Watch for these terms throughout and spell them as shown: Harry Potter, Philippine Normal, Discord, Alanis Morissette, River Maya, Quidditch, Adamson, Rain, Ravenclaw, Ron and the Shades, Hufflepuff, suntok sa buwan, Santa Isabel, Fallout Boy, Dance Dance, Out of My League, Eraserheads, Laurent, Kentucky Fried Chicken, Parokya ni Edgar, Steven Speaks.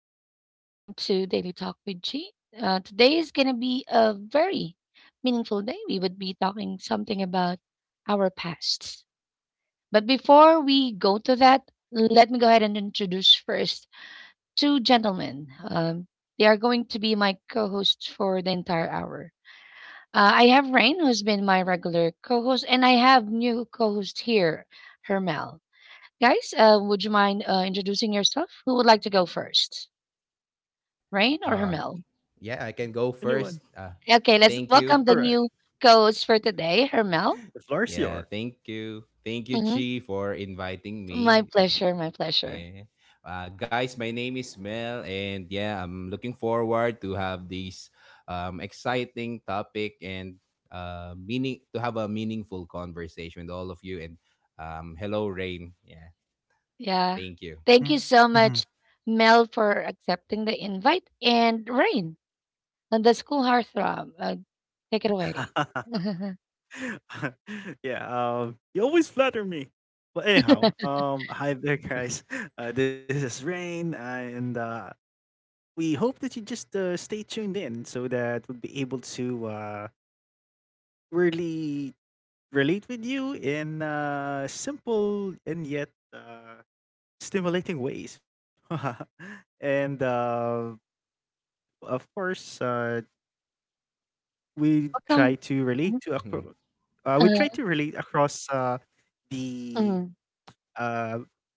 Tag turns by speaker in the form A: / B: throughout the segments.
A: and welcome to Daily Talk with G. Today is going to be a very meaningful day. We would be talking something about our pasts. But before we go to that, let me go ahead and introduce first two gentlemen. They are going to be my co hosts for the entire hour. I have Rain, who's been my regular co host, and I have new co host here, Hermel. Guys, would you mind introducing yourself? Who would like to go first? Rain or
B: Uh,
A: Hermel?
B: yeah, I can go first.
C: Anyone?
A: Okay, let's
B: Thank you.
A: welcome the new
C: Alright.
A: co-host for today, Hermel.
C: The
B: Yeah,
C: floor's
B: thank
C: yours.
B: you. Thank you,
A: Hmm.
B: Chi, for inviting
A: My
B: me. Yeah.
A: pleasure, my pleasure.
B: Yeah. Guys, my name is Mel, and yeah, I'm looking forward to have this exciting topic and meaning to have a meaningful conversation with all of you. And hello, Rain. Yeah,
A: Yeah.
B: thank you.
A: Thank you so
C: Mhm.
A: much, Mel, for accepting the invite, and Rain, and the school heartthrob. Take it away. Welcome.
C: Yeah, you always flatter me. But anyhow, hi there, guys. This is Rain, and we hope that you just stay tuned in so that we'll be able to really relate with you in simple and yet stimulating ways. And of course, we try to
A: Mhm.
C: relate to
A: Uh,
C: we try to relate across
A: mm,
C: the uh,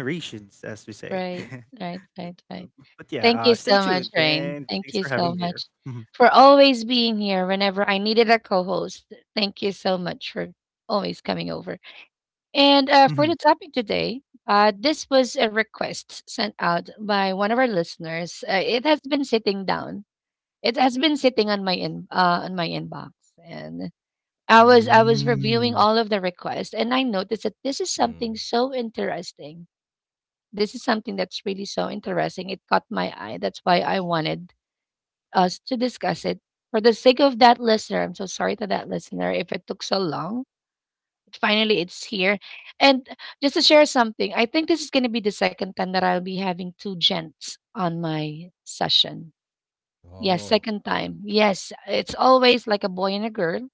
C: the generations, as we
A: right,
C: say.
A: right, right, right.
C: but
A: Thank
C: yeah,
A: you
C: uh, stay
A: so much,
C: tuned
A: Rain.
C: and
A: Thank
C: thanks
A: you
C: for
A: so
C: having me
A: much
C: here. Mhm,
A: for always being here whenever I needed a co host. Thank you so much for always coming over. And for the
C: mhm,
A: topic today, this was a request sent out by one of our listeners. It has been sitting down. It has been sitting on my in on my inbox, and I was reviewing all of
C: mm,
A: the requests, and I noticed that this is something
B: Mm.
A: so interesting. This is something that's really so interesting. It caught my eye. That's why I wanted us to discuss it. For the sake of that listener, I'm so sorry to that listener if it took so long finally it's here. And just to share something, I think this is going to be the second time that I'll be having two gents on my session. Yes,
B: Oh,
A: second time. Yes, it's always like a boy and a girl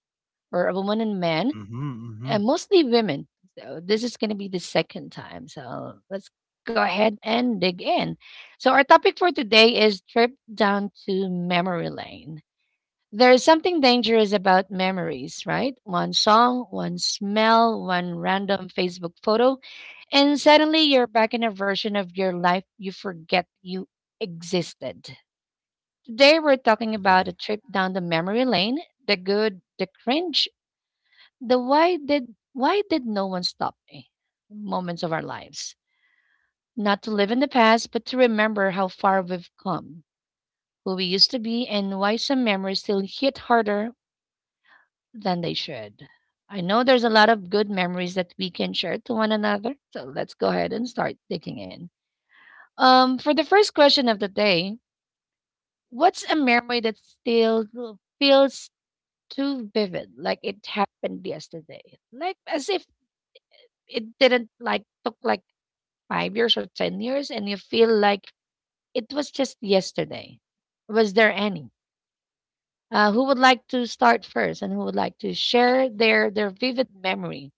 A: or a woman and man,
C: mhm,
A: and
C: mhm,
A: mostly women. So this is going to be the second time. So let's go ahead and dig in. So our topic for today is trip down to memory lane. There is something dangerous about memories, right? One song, one smell, one random Facebook photo, and suddenly you're back in a version of your life you forget you existed. Today we're talking about
B: yeah.
A: a trip down the memory lane, the good, the cringe, the why did no one stop me moments of our lives. Not to live in the past, but to remember how far we've come, who we used to be, and why some memories still hit harder than they should. I know there's a lot of good memories that we can share to one another, so let's go ahead and start digging in. For the first question of the day, what's a memory that still feels too vivid, like it happened yesterday, like as if it didn't like took like 5 years or 10 years, and you feel like it was just yesterday? Was there any? Who would like to start first, and who would like to share their vivid memory?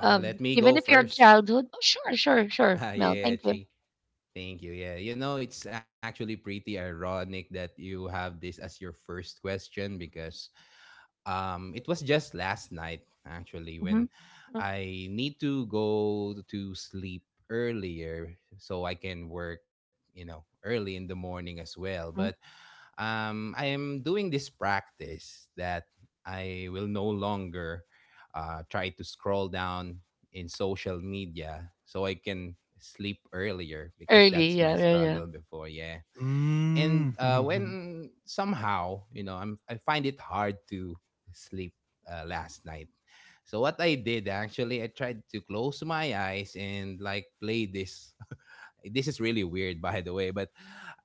B: Oh, let me
A: Even
B: go
A: if your
B: first.
A: childhood, oh, sure, sure, sure,
B: Ah,
A: Mel, thank
B: yeah,
A: you.
B: Chi. Thank you. Yeah. You know, it's actually pretty ironic that you have this as your first question because it was just last night actually
A: Mhm.
B: when I need to go to sleep earlier so I can work, you know, early in the morning as well. But
A: Mhm.
B: I am doing this practice that I will no longer try to scroll down in social media so I can sleep earlier because
A: Early,
B: that's my
A: yeah, yeah, yeah.
B: struggle before. Yeah.
C: mm,
B: And
C: mhm, mhm,
B: when somehow, you know, I find it hard to sleep last night. So what I did actually, I tried to close my eyes and like play this. This is really weird by the way, but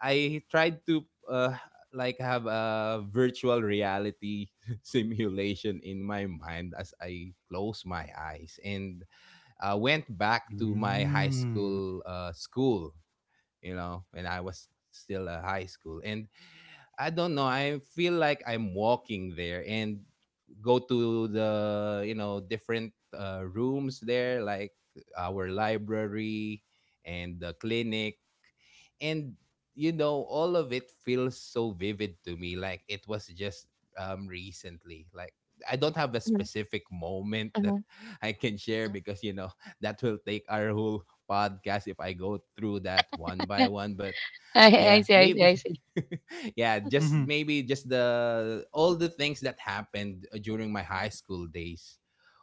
B: I tried to uh, like have a virtual reality simulation in my mind as I closed my eyes and went back to my high school school, you know, when I was still a high school. And I don't know, I feel like I'm walking there and go to the, you know, different rooms there, like our library and the clinic. And, you know, all of it feels so vivid to me. Like it was just recently. Like, I don't have a
A: Mhm,
B: specific moment that
A: mhm.
B: I can share because you know that will take our whole podcast if I go through that one by one. But
A: I,
B: yeah,
A: I see, I see,
B: maybe.
A: I see.
B: Yeah,
C: mm,
B: just
C: mhm,
B: maybe just the all the things that happened during my high school days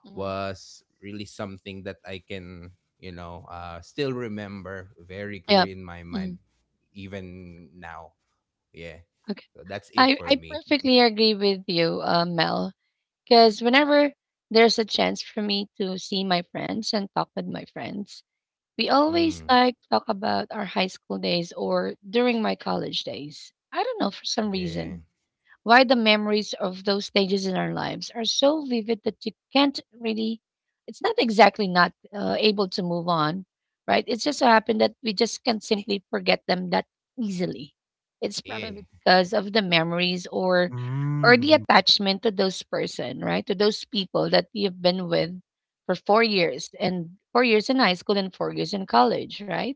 A: Mhm.
B: was really something that I can, you know, still remember very
A: Yeah.
B: clear in my
A: Mhm.
B: mind even now. Yeah.
A: Okay.
B: So that's it for
A: I
B: me.
A: perfectly agree with you, Mel, because whenever there's a chance for me to see my friends and talk with my friends, we always
B: Hmm.
A: like talk about our high school days or during my college days. I don't know, for some
B: Yeah.
A: reason why the memories of those stages in our lives are so vivid that you can't really, it's not exactly not able to move on, right? It's just so happened that we just can't simply forget them that easily. It's probably
B: Yeah.
A: because of the memories or the
C: mm,
A: attachment to those person, right? To those people that you've been with for 4 years, and 4 years in high school and 4 years in college, right?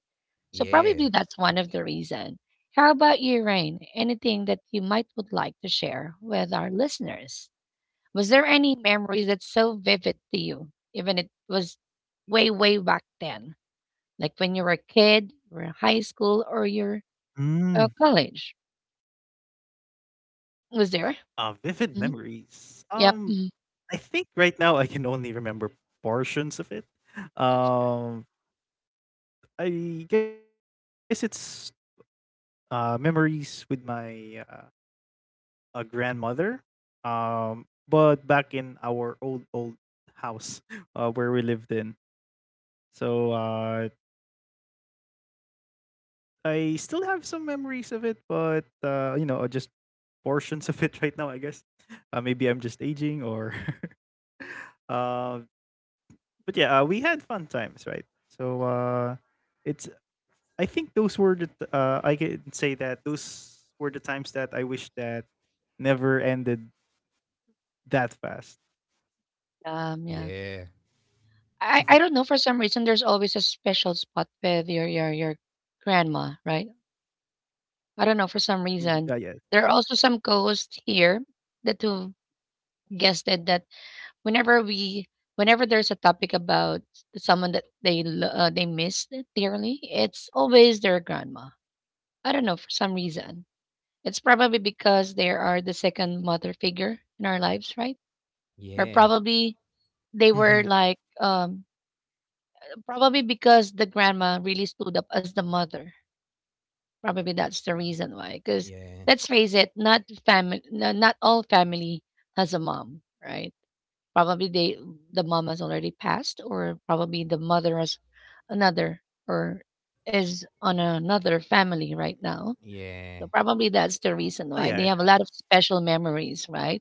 A: So probably
B: Yeah.
A: that's one of the reason. How about you, Rain? Anything that you might would like to share with our listeners? Was there any memories that's so vivid to you, even it was way, way back then, like when you were a kid, or in high school, or your
C: mhm.
A: college? Was there?
C: Vivid
A: Hmm.
C: memories.
A: Yep. Mhm.
C: I think right now I can only remember portions of it. Um, I guess it's memories with my grandmother. But back in our old house where we lived in, so I still have some memories of it, but you know, just portions of it right now. I guess maybe I'm just aging, or uh, but yeah, we had fun times, right? So it's I think those were the I can say that those were the times that I wish that never ended that fast.
A: Yeah.
B: Yeah.
A: I don't know. For some reason, there's always a special spot with your grandma, right? I don't know. For
C: Mhm,
A: some
C: mhm.
A: reason,
C: Yes.
A: there are also some ghosts here that who guessed it that whenever we whenever there's a topic about someone that they missed dearly, it's always their grandma. I don't know for some reason. It's probably because they are the second mother figure in our lives, right? Or
B: Yeah.
A: probably they were
C: Mhm.
A: like probably because the grandma really stood up as the mother. Probably that's the reason why. Because
B: Yeah.
A: let's face it, not family, not all family has a mom, right? Probably they the mom has already passed, or probably the mother has another or is on another family right now.
B: Yeah.
A: So probably that's the reason why
C: Oh
A: they
C: yeah,
A: have a
C: it
A: lot of
C: happened.
A: special memories, right?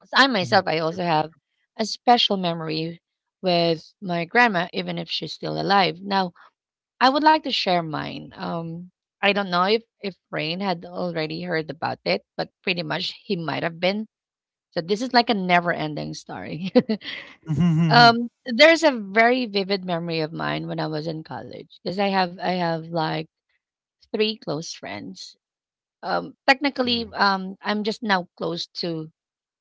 A: 'Cause I myself, I
C: Mhm.
A: also have a special memory with my grandma, even if she's still alive. Now, I would like to share mine. I don't know if Rain had already heard about it, but pretty much he might have been. So this is like a never-ending story. There's a very vivid memory of mine when I was in college because I have like three close friends.
B: Hmm.
A: Technically, I'm just now close to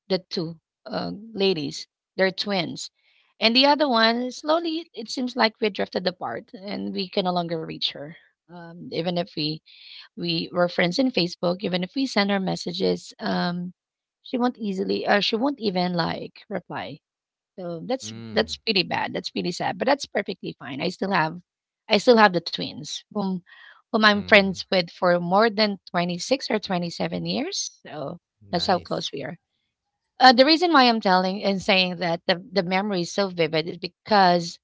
A: the two ladies. They're twins, and the other one slowly it seems like we drifted apart, and we can no longer reach her. Even if we were friends in Facebook, even if we send her messages, she won't easily. She won't even like reply, so
B: Hmm.
A: that's pretty bad. That's pretty sad, but that's perfectly fine. I still have the twins whom I'm
B: Mm,
A: friends with for more than 26 or 27 years. So that's how
B: nice.
A: close we are. The reason why I'm telling and saying that the memory is so vivid is because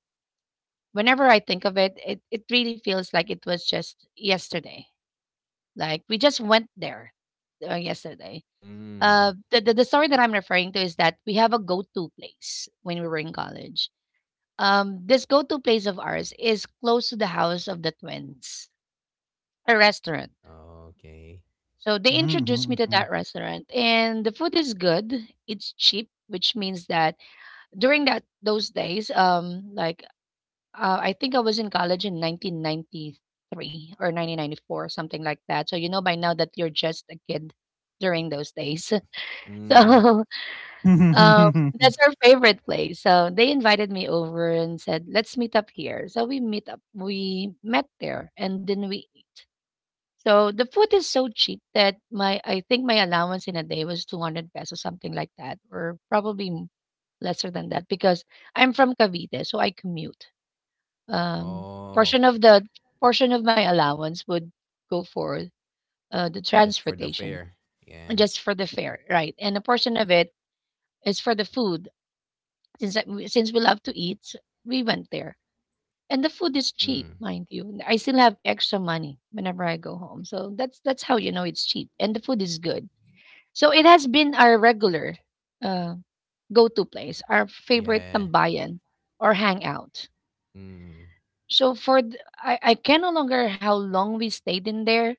A: whenever I think of it, it really feels like it was just yesterday. Like we just went there yesterday.
B: Mm,
A: The story that I'm referring to is that we have a go to place when we were in college. Um, this go-to place of ours is close to the house of the twins, a restaurant.
B: okay.
A: So they introduced me to that restaurant, and the food is good. It's cheap, which means that during that those days, like I think I was in college in 1993 or 1994, something like that. So you know by now that you're just a kid during those days.
B: Mm,
A: So Um, that's our favorite place. So they invited me over and said, "Let's meet up here." So we meet up. We met there, and then we eat. So the food is so cheap that my I think my allowance in a day was 200 pesos, something like that, or probably lesser than that because I'm from Cavite, so I commute. Um,
B: oh,
A: Portion of the portion of my allowance would go for the
B: just for the
A: transportation,
B: fare. Yeah.
A: just for the fare, right? And a portion of it is for the food. Since we love to eat, so we went there, and the food is cheap,
B: Mm,
A: mind you. I still have extra money whenever I go home, so that's how you know it's cheap, and the food is good. So it has been our regular uh, go-to place, our favorite
B: yeah.
A: tambayan or hangout.
B: Mm.
A: So for I can no longer how long we stayed in there.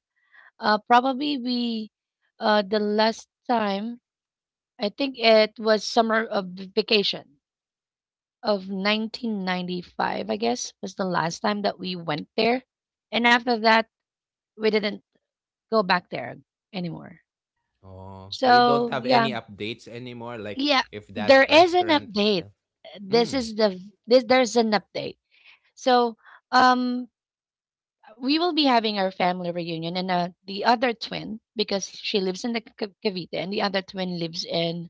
A: Probably we the last time, I think it was summer of vacation of 1995, I guess, was the last time that we went there. And after that, we didn't go back there anymore.
B: Oh, so you don't
A: So,
B: have
A: yeah.
B: any updates anymore? Like
A: Yeah,
B: if
A: there
B: that
A: is an
B: restaurant is
A: update.
B: still.
A: This is
B: Mm.
A: the this there's an update. So, um we will be having our family reunion, and the other twin because she lives in the Cavite, and the other twin lives in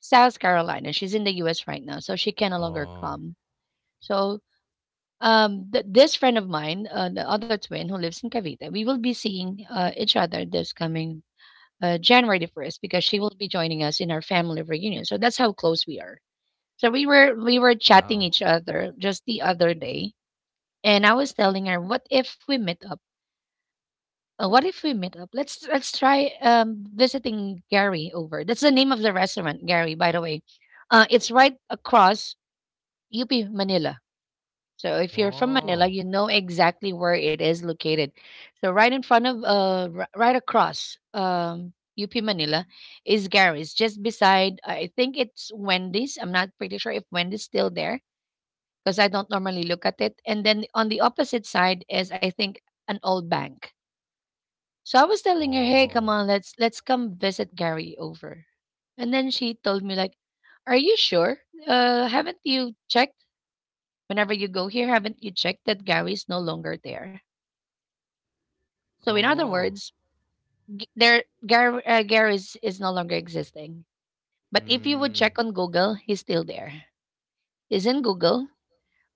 A: South Carolina. She's in the US right now, so she can no longer
B: Oh,
A: come. So this friend of mine, the other twin who lives in Cavite, we will be seeing each other this coming January the 1st because she will be joining us in our family reunion, so that's how close we are. So we were chatting each
B: wow.
A: other just the other day, and I was telling her what if we meet up, what if we meet up, let's try visiting Gary over, that's the name of the restaurant, Gary, by the way. Uh, it's right across UP Manila. So if you're from Manila, you
B: Oh,
A: know exactly where it is located. So right in front of, right across, UP Manila is Gary's, just beside. I think it's Wendy's. I'm not pretty sure if Wendy's still there because I don't normally look at it. And then on the opposite side is, I think, an old bank. So I was telling her, "Hey, come
B: oh,
A: on, let's come visit Gary over." And then she told me like, "Are you sure? Haven't you checked?" Whenever you go here, haven't you checked that Gary is no longer there? So, in other
B: oh.
A: words, there Gary is no longer existing. But if you would
B: Mm.
A: check on Google, he's still there. He's in Google,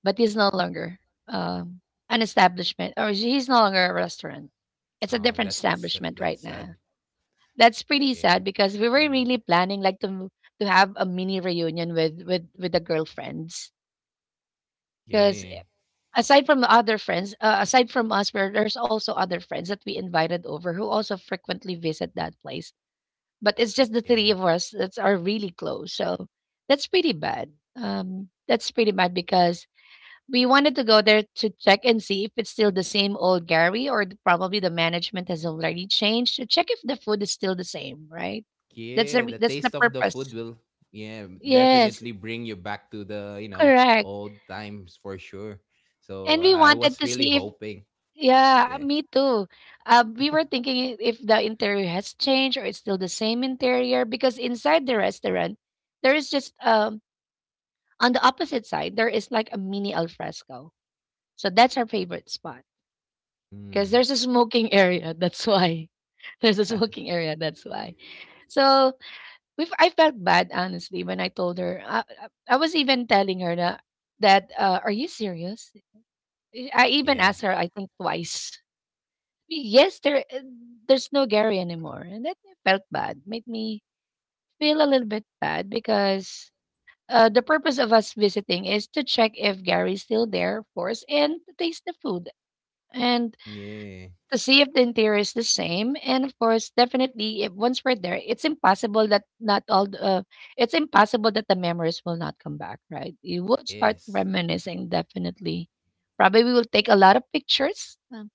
A: but he's no longer um, an establishment, or he's no longer a restaurant. It's a
B: Oh,
A: different
B: that's
A: establishment
B: that's
A: right
B: sad.
A: now. That's pretty
B: Yeah.
A: sad because we were
B: Hmm.
A: really planning like to have a mini reunion with with the girlfriends because
B: Yeah.
A: aside from us, where there's also other friends that we invited over who also frequently visit that place. But it's just the three
B: Yeah.
A: of us that are really close. So that's pretty bad. That's pretty bad because we wanted to go there to check and see if it's still the same old Gary or probably the management has already changed to check if the food is still the same, right?
B: Yeah, the
A: That's the
B: taste of the food
A: purpose.
B: will, yeah,
A: Yes,
B: definitely bring you back to the, you know,
A: correct.
B: old times for sure. So
A: And we
B: I
A: wanted
B: was
A: to
B: really
A: see if.
B: hoping.
A: Yeah.
B: Yeah.
A: Me too. We were thinking if the interior has changed or it's still the same interior because inside the restaurant, there is just on the opposite side there is like a mini alfresco. So that's our favorite spot because
B: Mm.
A: there's a smoking area. That's why there's a smoking area. That's why. So we I felt bad honestly when I told her. I was even telling her that are you serious? I even
B: Yeah.
A: asked her I think twice. Yes, there's no Gary anymore, and that felt bad. Made me feel a little bit bad because the purpose of us visiting is to check if Gary's still there, of course, and to taste the food and
B: Yeah.
A: to see if the interior is the same. And of course, definitely, if once we're there, it's impossible that the memories will not come back. Right? You will start
B: Yes.
A: reminiscing. Definitely, probably we will take a lot of pictures,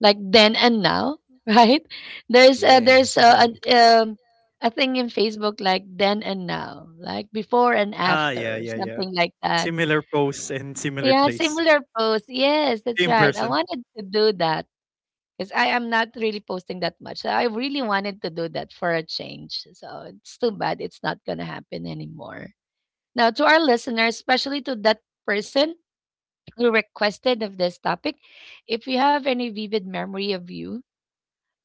A: like then and now, right? There's uh,
B: Yeah.
A: there's uh, an, um, a thing in Facebook like then and now, like before and
C: Ah yeah,
A: after,
C: yeah, yeah.
A: something like that.
C: Similar pose and similar
A: Yeah,
C: place.
A: similar post. Yes, that's
C: Same
A: right. I
C: person.
A: wanted to do that because I am not really posting that much. So I really wanted to do that for a change. So it's too bad it's not going to happen anymore. Now, to our listeners, especially to that person who requested of this topic, if you have any vivid memory of you,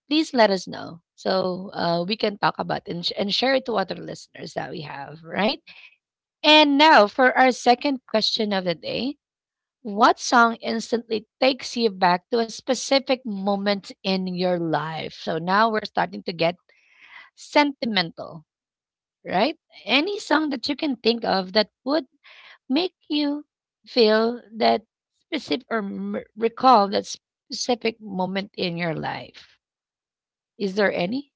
A: please let us know so we can talk about and share it to other listeners that we have, right? And now for our second question of the day. What song instantly takes you back to a specific moment in your life? So now we're starting to get sentimental, right? Any song that you can think of that would make you feel that specific or recall that specific moment in your life. Is there any?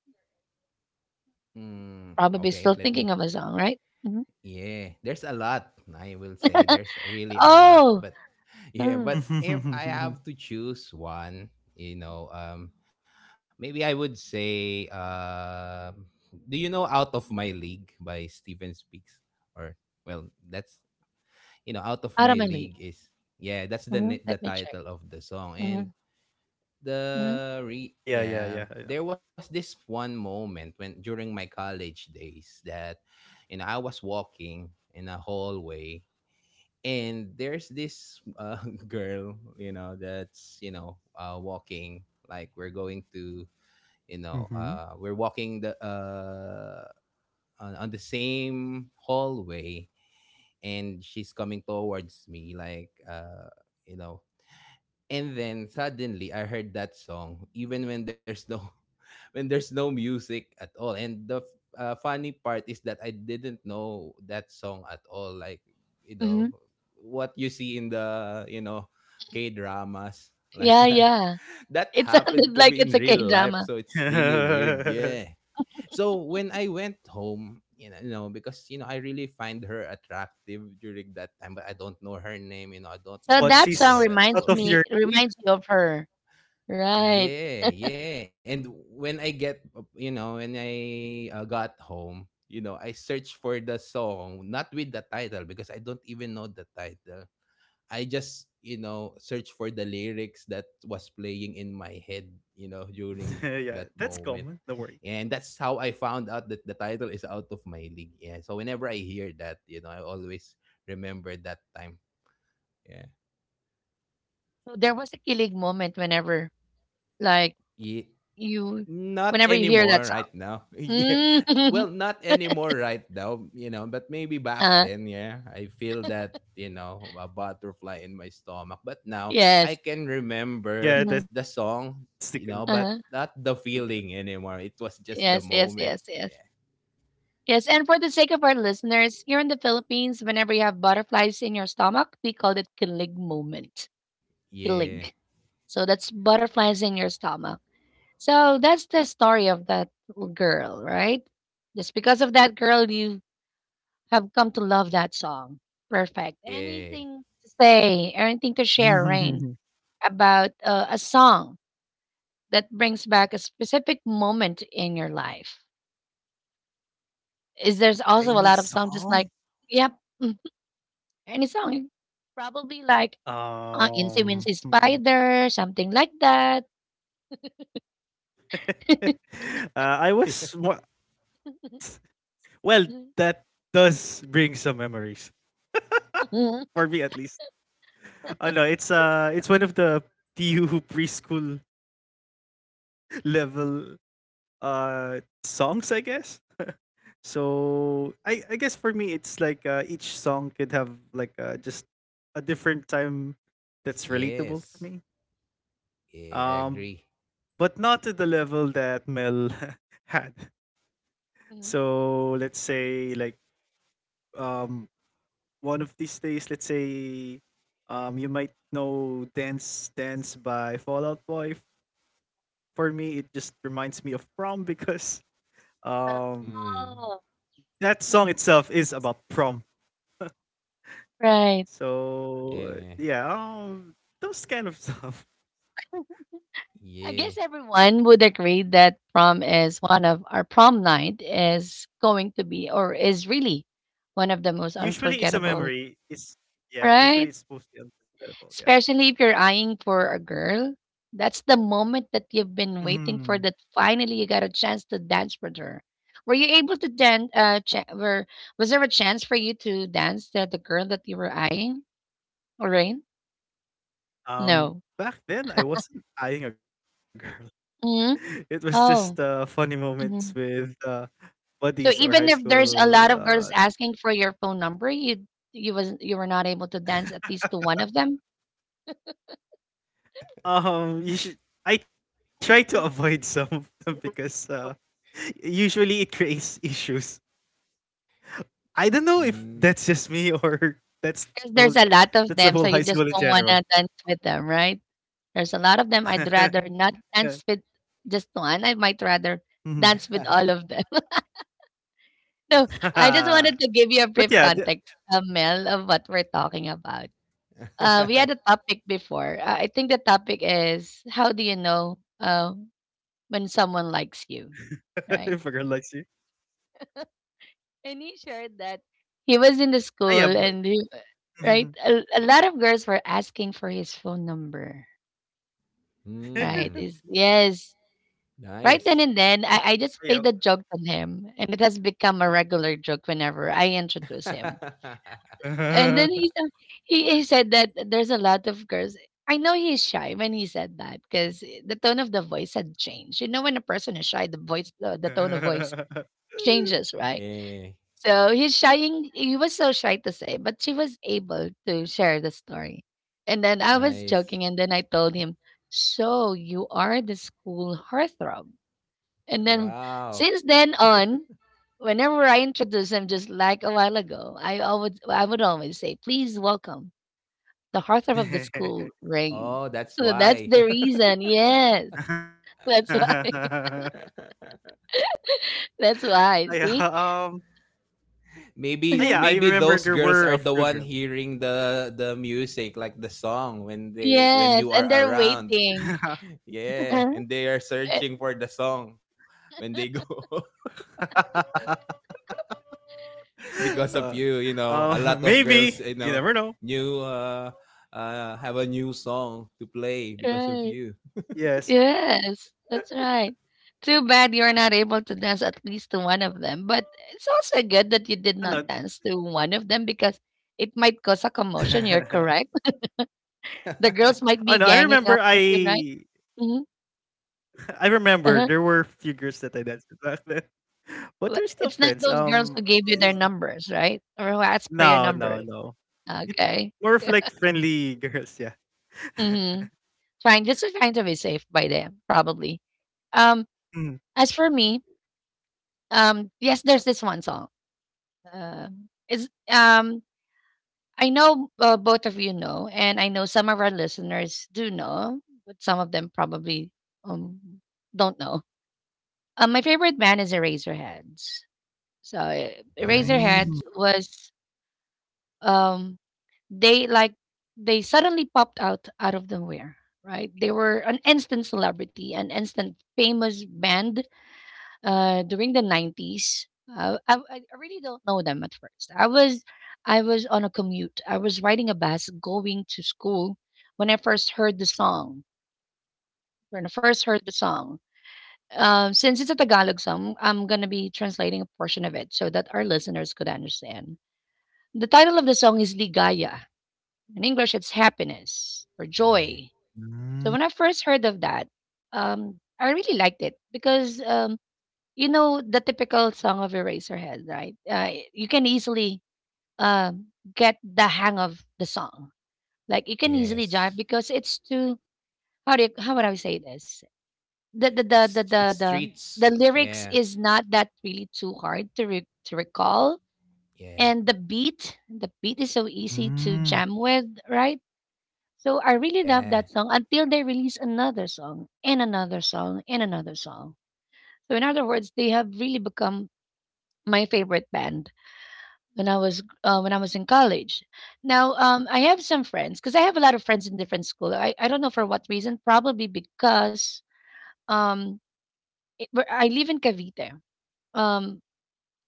B: Mm.
A: Probably still
B: Okay, let
A: thinking of
B: me.
A: a song, right? Mhm.
B: Yeah, there's a lot. I will say there's really a
A: Oh!
B: lot, but
A: Mm.
B: yeah, but if I have to choose one, you know, maybe I would say do you know Out of My League by Steven Speaks, or well, that's, you know, Out of My
A: Aramali.
B: League is, yeah, that's the
A: Mhm, let
B: the
A: me check.
B: title of the song.
A: Mhm,
B: And
A: mhm,
B: the re
C: Ah yeah, yeah,
B: yeah,
C: yeah. I know.
B: there was this one moment when during my college days that, you know, I was walking in a hallway, and there's this girl, you know, that's, you know, walking, like we're going to, you know,
C: Mhm.
B: we're walking the on the same hallway, and she's coming towards me, like you know, and then suddenly I heard that song even when there's no when there's no music at all. And the funny part is that I didn't know that song at all. Like, you know,
A: mhm.
B: what you see in the, you know, K dramas like
A: Yeah,
B: that.
A: yeah.
B: That
A: It sounded
B: happened to
A: like
B: me
A: it's
B: in
A: a
B: real life,
A: K-drama.
B: so it's really weird. Yeah. So when I went home, you know, because you know, I really find her attractive during that time, but I don't know her name. You know, I don't
A: So
B: know
C: But
A: that
B: her,
A: song
C: she's
B: know her at
C: out
A: reminds
C: of
B: all.
C: your
A: me
C: league.
A: reminds me of her, right.
B: Yeah, yeah. And when I you know, when I got home, you know, I searched for the song, not with the title because I don't even know the title. I just, you know, searched for the lyrics that was playing in my head, you know, during
C: Yeah,
B: that
C: that's
B: moment.
C: common. Don't worry.
B: And that's how I found out that the title is out of my league. Yeah. So whenever I hear that, you know, I always remember that time. Yeah.
A: So there was a kilig moment, like,
B: Yeah.
A: you
B: Not
A: whenever you hear that
B: anymore right now.
A: song.
B: Yeah.
A: Mm.
B: Well, not anymore right now, you know, but maybe back
A: uh
B: then, yeah, I feel that, you know, a butterfly in my stomach. But now I
A: Yes.
B: can remember
C: Yeah,
A: Mhm.
C: that's
B: the
C: the
B: song, you know, but
A: Uh-huh.
C: equivalent.
B: not the feeling anymore. It was just the
A: Yes, yes,
B: moment.
A: yes, yes.
B: Yeah.
A: Yes, and for the sake of our listeners, here in the Philippines, whenever you have butterflies in your stomach, we call it kilig moment. Kilig. So that's butterflies in your stomach. So that's the story of that little girl, right? Just because of that girl, you have come to love that song. Perfect.
B: Yeah.
A: Anything to say, anything to share, Rain, about a song that brings back a specific moment in your life? Is there's also
C: Any
A: a lot of songs just
C: song?
A: like, yep. Any song. Probably like, Incy Wincy
C: Hmm.
A: Spider, something like that.
C: uh, I was wa-
B: Yeah.
C: well.
A: Mhm.
C: That does bring some memories for me, at least. Oh no, it's one of the TU preschool level uh songs, I guess. So I guess for me, it's like each song could have like just a different time that's
B: Yes.
C: relatable for me.
B: Yeah, I agree.
C: But not to the level that Mel had.
A: Mhm.
C: So let's say like um one of these days, let's say, you might know "Dance Dance" by Fallout Boy. For me, it just reminds me of prom because um,
B: Mm.
A: Oh,
C: that song itself is about prom.
A: right.
B: Yeah.
C: So those kind of stuff.
A: I guess
B: Yeah.
A: everyone would agree that prom is one of our prom night is going to be or is really one of the most
C: Usually,
A: unforgettable,
C: it's a memory. It's
A: right?
C: Yeah. Usually, it's mostly unforgettable.
A: Especially if
C: Yeah.
A: you're eyeing for a girl, that's the moment that you've been waiting for
C: Mhm.
A: that finally you got a chance to dance with her. Were you able to dance cha- were Was there a chance for you to dance to the girl that you were eyeing, Lorraine? No.
C: Um, Back then, I wasn't eyeing a girl.
A: Hmm.
C: It was just
A: Oh.
C: funny moments
A: Mhm.
C: with
A: So
C: buddies
A: even
C: or
A: if
C: high
A: there's a lot of
C: school
A: girls asking for your phone number, you was you were not able to dance at least to one of them
C: you should I try to avoid some of them because usually it creates issues. I don't know if
B: Mm.
C: that's just me or
A: because
C: that's
A: there's a
C: the whole
A: lot of them, so you
C: that's the
A: just
C: whole
A: don't
C: high
A: want
C: school
A: to
C: in
A: dance
C: general.
A: with them, right? There's a lot of them. I'd rather not dance with just one. I might rather
C: Hmm.
A: dance with all of them. So I just wanted to
C: but
A: give you a brief
C: yeah,
A: context,
C: the,
A: Mel, of what we're talking about. We had a topic before. I think the topic is how do you know, when someone likes you,
C: if a girl
A: right?
C: likes you.
A: And he shared that he was
C: Yeah,
A: in the school and he,
C: ah, yeah but
A: right, a lot
C: Mhm.
A: of girls were asking for his phone number, right?
B: Mm.
A: Is yes, right then
B: Nice.
A: and then, I just played the joke on him, and it has become a regular joke whenever I introduce him. And then he said that there's a lot of girls. I know he's shy when he said that because the tone of the voice had changed. You know, when a person is shy, the tone of voice
C: Yeah.
A: changes, right?
B: Yeah.
A: So he's shying. He was so shy to say, but she was able to share the story. And then I was
B: Nice.
A: joking, and then I told him, "So you are the school heartthrob." And then
B: Wow.
A: since then on, whenever I introduce him, just like a while ago, I would always say, "Please welcome the heartthrob of the school, Rain."
B: Oh, that's
A: So that's
B: why.
A: the reason. Yes, that's why. That's why.
C: Ah,
A: See.
C: yeah. Um.
B: maybe
C: Ah, yeah,
B: maybe
C: I
B: those
C: remember
B: girls
C: there
B: are the
C: were a
B: one
C: few girls.
B: hearing the music, like the song, when they when
A: Yes,
B: you are
A: and they're
B: around.
A: waiting.
B: Yeah,
A: Right.
B: and they are searching for the song when they go because of you,
C: uh,
B: you know. A lot of girls, you
C: Maybe
B: know,
C: you never know.
B: new have a new song to play because of
A: Right.
B: you.
C: Yes.
A: Yes, that's right. Too bad you're not able to dance at least to one of them. But it's also good that you
C: Oh
A: did
C: no.
A: not dance to one of them because it might cause a commotion. You're correct. The girls might
C: Oh
A: be
C: no, I
A: ganging up
C: remember.
A: with you, right?
C: I
A: Hmm.
C: I remember there were few
A: Uh-huh.
C: girls that I danced with back then, but they're still
A: But
C: friends.
A: it's not those girls who gave
C: Eh,
A: you their numbers, right? Or who asked for
C: no,
A: your
C: no,
A: numbers.
C: no. It,
A: Okay.
C: More of like friendly girls. Yeah.
A: Mm-hmm. Trying just trying to be safe by them, probably.
C: Mm.
A: Um, as for me, yes, there's this one song. It's I know, both of you know, and I know some of our listeners do know, but some of them probably, um, don't know. My favorite band is Eraserheads. So
B: Nice.
A: Eraserheads
C: Mm,
A: was, um, they like they suddenly popped out out of nowhere, right? They were an instant celebrity, an instant famous band during the 90s. I really don't know them at first. I was on a commute. I was riding a bus going to school when I first heard the song. When I first heard the song, since it's a Tagalog song, I'm gonna be translating a portion of it so that our listeners could understand. The title of the song is Ligaya. In English, it's happiness or
B: Yeah.
A: joy. So when
C: mm,
A: I first heard of that, I really liked it because, you know the typical song of Eraserhead, right? You can easily, um, get the hang of the song. Like you can easily jive
B: Yes.
A: because it's too, how would I say this? The the the the
B: It's
A: the
B: it's
A: the, the
B: streets.
A: lyrics
B: Yeah.
A: is not that really too hard to recall,
B: Yeah.
A: and the beat is so easy to
C: mm.
A: jam with, right? So I really love that
B: Yeah.
A: song until they release another song and another song and another song. So in other words, they have really become my favorite band when I was in college. Now, I have some friends because I have a lot of friends in different school. I don't know for what reason. Probably because, um, where I live in Cavite. Um,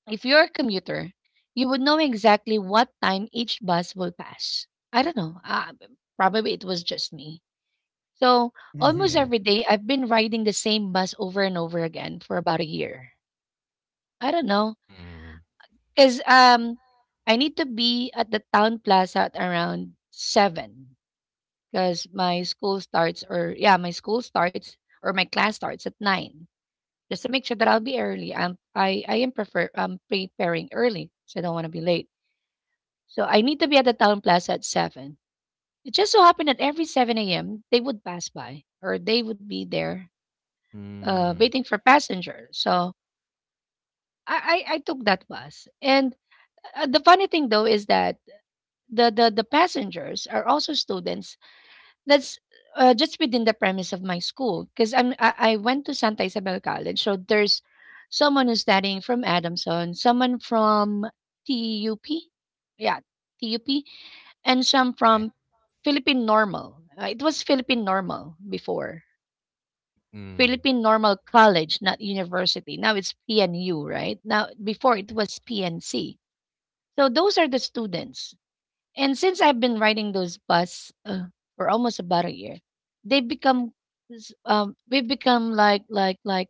A: if you're a commuter, you would know exactly what time each bus will pass. I don't know. Probably it was just me. So almost
B: Yeah.
A: every
C: Mhm.
A: day, I've been riding the same bus over and over again for about a year. I don't know.
B: Mm.
A: Because I need to be at the town plaza at around seven. Because my school starts, or yeah, my school starts, or my class starts at nine. Just to make sure that I'll be early. I'm, I am prefer I'm preparing early, so I don't want to be late. So I need to be at the town plaza at seven. It just so happened that every seven a.m. they would pass by, or they would be there,
B: Mm.
A: waiting for passengers. So I took that bus, and the funny thing though is that the passengers are also students that's just within the premise of my school because I went to Santa Isabel College, so there's someone who's studying from Adamson, someone from TUP. Yeah, TUP. And some
B: Yeah.
A: from Philippine Normal. It was Philippine Normal before,
B: Mm.
A: Philippine Normal College, not university. Now it's PNU right now. Before it
B: Yeah.
A: was PNC. So those are the students. And since I've been riding those bus for almost about a year, they've become we've become like like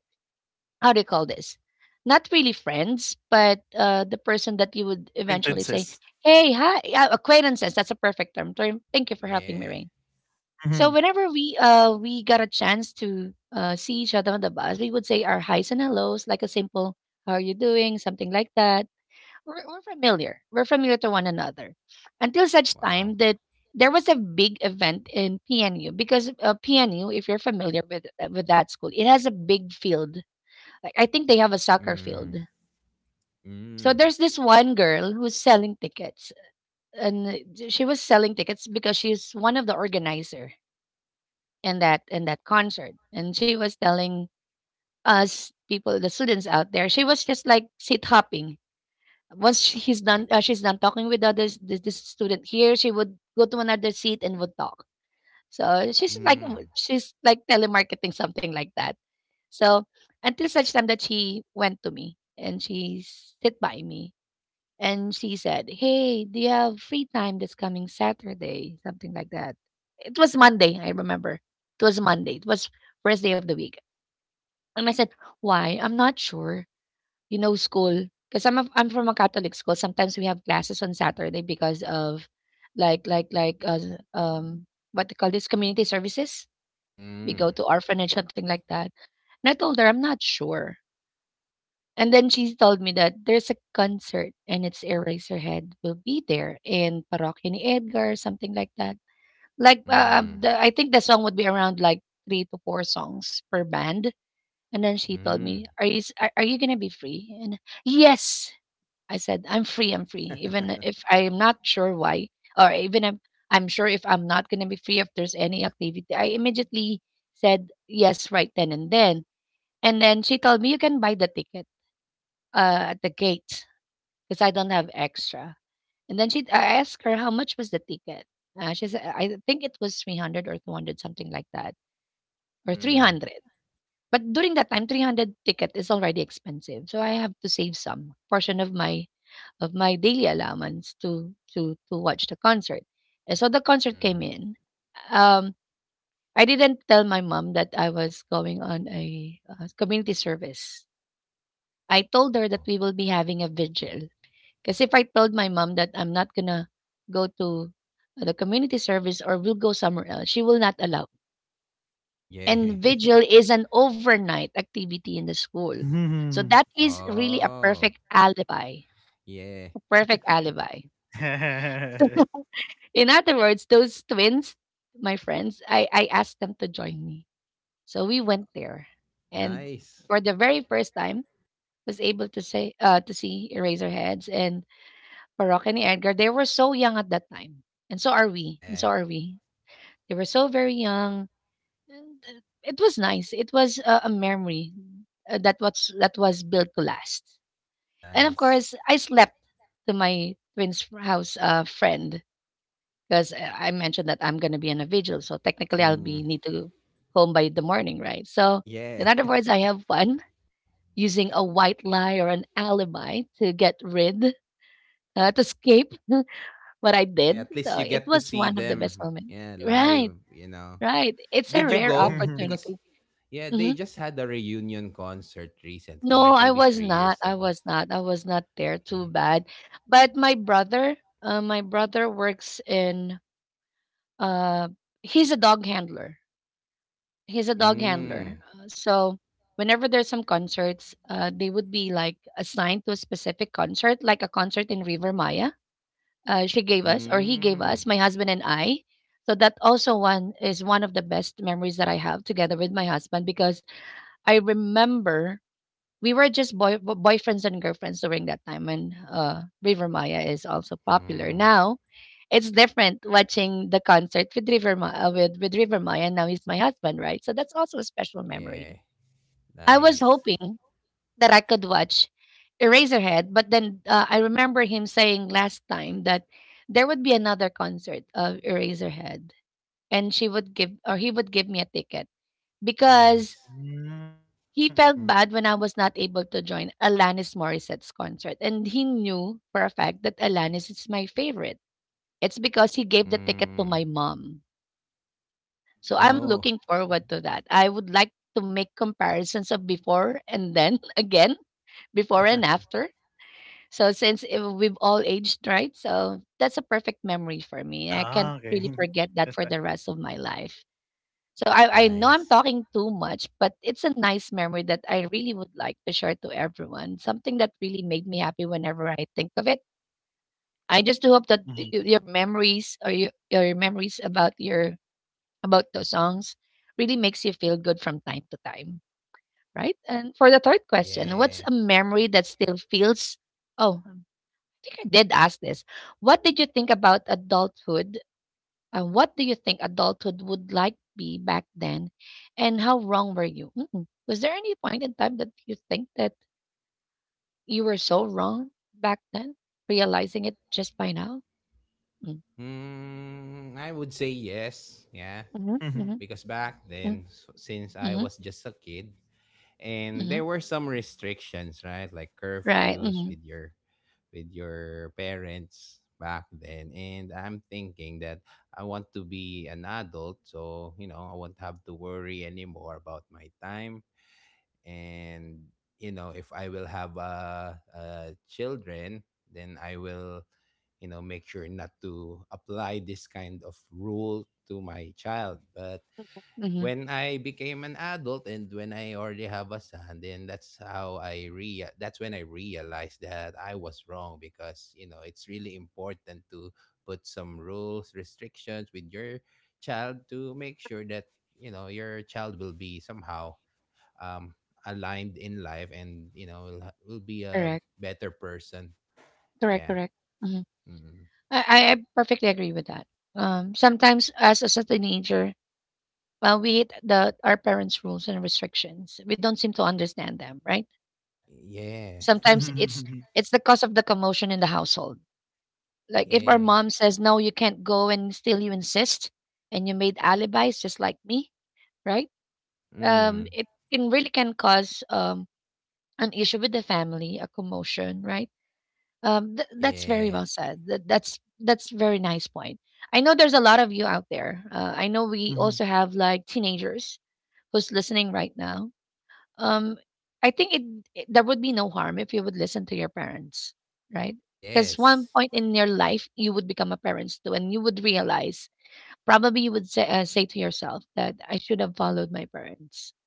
A: how do you call this? Not really friends, but the person that you would eventually say,
C: Acquaintances.
A: "Hey, hi, acquaintances." That's a perfect term. Term. Thank you for helping me, Rain.
B: Yeah.
C: Mm-hmm.
A: So whenever we got a chance to see each other on the bus, we would say our highs and hellos, like a simple "How are you doing?", something like that. We're familiar. We're familiar to one another until such time
B: Wow.
A: that there was a big event in PNU, because PNU, if you're familiar with that school, it has a big field. Like I think they have a soccer field.
B: Mm.
A: So there's
B: Mm.
A: this one girl who's selling tickets, and she was selling tickets because she's one of the organizer in that concert, and she was telling us people, the students out there. She was just like seat hopping. Once sh He's done she's done talking with others, this student here, she would go to another seat and would talk. So she's like
B: Mm.
A: telemarketing, something like that. So until such time that she went to me and she sit by me, and she said, "Hey, do you have free time this coming Saturday?" Something like that. It was Monday, I remember. It was Monday. It was first day of the week. And I said, "Why? I'm not sure." You know, school, because 'cause I'm a I'm from a Catholic school. Sometimes we have classes on Saturday because of like like like uh, what they call this community services. We go
B: Mm.
A: to orphanage, something like that. And I told her I'm not sure. And then she told me that there's a concert and it's Eraserhead will be there, in Parokya ni Edgar, something like that. Like
B: Mm.
A: I think the song would be around like three to four songs per band. And then she told
B: Mm.
A: me, "Are are you gonna be free?" And yes, I said, I'm free, I'm free. Even if I'm not sure why, or even if I'm sure if I'm not going to be free, if there's any activity, I immediately said yes right then and then. And then she told me, You can buy the ticket at the gate because I don't have extra. And then she, I asked her, How much was the ticket? She said, I think it was 300 or 200, something like that, or
B: Mm.
A: 300. But during that time, 300 ticket is already expensive, so I have to save some portion of my daily allowance to watch the concert. And so the concert came
B: Mm.
A: in. Um, I didn't tell my mom that I was going on a community service. I told her that
B: Oh.
A: we will be having a vigil. Because if I told my mom that I'm not gonna go to the community service, or we'll go somewhere else, she will not allow,
B: Yeah.
A: and vigil is an overnight activity in the school. So
C: Mhm.
A: that is really a perfect
B: Oh.
A: alibi, a
B: Yeah.
A: perfect alibi. In other words, those twins, my friends, I asked them to join me. So we went there. And for
B: Nice.
A: the very first time, was able to say to see Eraserheads and Parok and Edgar. They were so young at that time. And so
B: Yeah.
A: are we. They were so very young. And, it was nice. It was a memory that was built to last. And of
B: Nice.
A: course, I slept to my twin's f- house friend, because I mentioned that I'm gonna be on a vigil, so technically I'll be
B: Mm.
A: need to home by the morning, right? So in
B: Yeah.
A: other words, I have fun using a white lie or an alibi to get rid to escape what I
B: Yeah,
A: did.
B: at least
A: So
B: you
A: it
B: get to
A: was
B: see
A: one of the best
B: them.
A: moments.
B: Yeah,
A: Right,
B: live, you know.
A: right. It's a
B: Did you
A: rare
B: go? Because
A: opportunity.
B: yeah,
A: Mm-hmm.
B: they just had a reunion concert recently,
A: No,
B: like
A: I
B: maybe
A: was
B: three
A: not.
B: years
A: I
B: ago.
A: was not. I was not there. Too
B: Yeah.
A: bad. But my brother, works in. Uh, he's a dog handler. He's a dog handler.
B: Mm.
A: So whenever there's some concerts, they would be like assigned to a specific concert, like a concert in River Maya. She gave us, or he gave
B: Mm.
A: us, my husband and I. So that also one is one of the best memories that I have together with my husband, because I remember we were just boyfriends and girlfriends during that time when River Maya is also popular.
B: Mm.
A: Now it's different watching the concert with with River Maya. Now he's my husband, right? So that's also a special memory.
B: Yeah.
A: I was
B: Nice.
A: hoping that I could watch Eraserhead, but then I remember him saying last time that there would be another concert of Eraserhead, and she would give or he would give me a ticket because
B: Nice.
C: Mm.
A: he felt bad when I was not able to join Alanis Morissette's concert, and he knew for a fact that Alanis is my favorite. It's because he gave the ticket to
B: Mm.
A: my mom. So I'm
B: Oh.
A: looking forward to that. I would like to make comparisons of before and then again, before and after. So since we've all aged, right? So that's a perfect memory for
C: Ah,
A: me. I
C: okey.
A: can't really
C: That's why.
A: forget that for the rest of my life. So I know I'm
B: Nice.
A: talking too much, but it's a nice memory that I really would like to share to everyone. Something that really made me happy whenever I think of it. I just do hope that
C: Mhm.
A: your memories or your memories about your about those songs really makes you feel good from time to time, right? And for the third question,
B: Yeah.
A: what's a memory that still feels Oh, I think I did ask this. What did you think about adulthood, what do you think adulthood would like be back then, and how wrong were you? Mm-mm. Was there any point in time that you think that you were so wrong back then, realizing it just by now? Mm-hmm,
B: Mm, I would say yes. Yeah.
A: mm-hmm,
C: Mhm.
A: mm-hmm,
B: Because back then, since I
A: mm-hmm.
B: was just a kid, and
A: Mm-hmm.
B: there were some restrictions, right, like
A: Right.
B: curfews
A: Mm-hmm,
B: with your parents back then, and I'm thinking that I want to be an adult, so you know I won't have to worry anymore about my time. And, you know, if I will have children, then I will, you know, make sure not to apply this kind of rule to my child. But
A: mm-hmm.
B: when I became an adult and when I already have a son, then that's how I rea that's when I realized that I was wrong, because you know it's really important to put some rules, restrictions with your child to make sure that, you know, your child will be somehow um aligned in life and, you know, will, will be a
A: Correct.
B: better person.
A: Correct.
B: Yeah.
A: Correct. Mm-hmm.
B: Mm.
A: I I perfectly agree with that. Sometimes as a teenager, well, we hate the our parents' rules and restrictions. We don't seem to understand them, right?
B: Yeah.
A: Sometimes it's the cause of the commotion in the household. Like if our
B: Yeah.
A: mom says no, you can't go, and still you insist, and you made alibis just like me, right?
B: Mm.
A: It can cause an issue with the family, a commotion, right? That's very
B: Yeah.
A: well said. That's very nice point. I know there's a lot of you out there. I know we
C: Mhm.
A: also have like teenagers who's listening right now. um, I think it there would be no harm if you would listen to your parents, right? Because one
B: Yes.
A: point in your life you would become a parent too, and you would realize probably you would say to yourself that I should have followed my parents.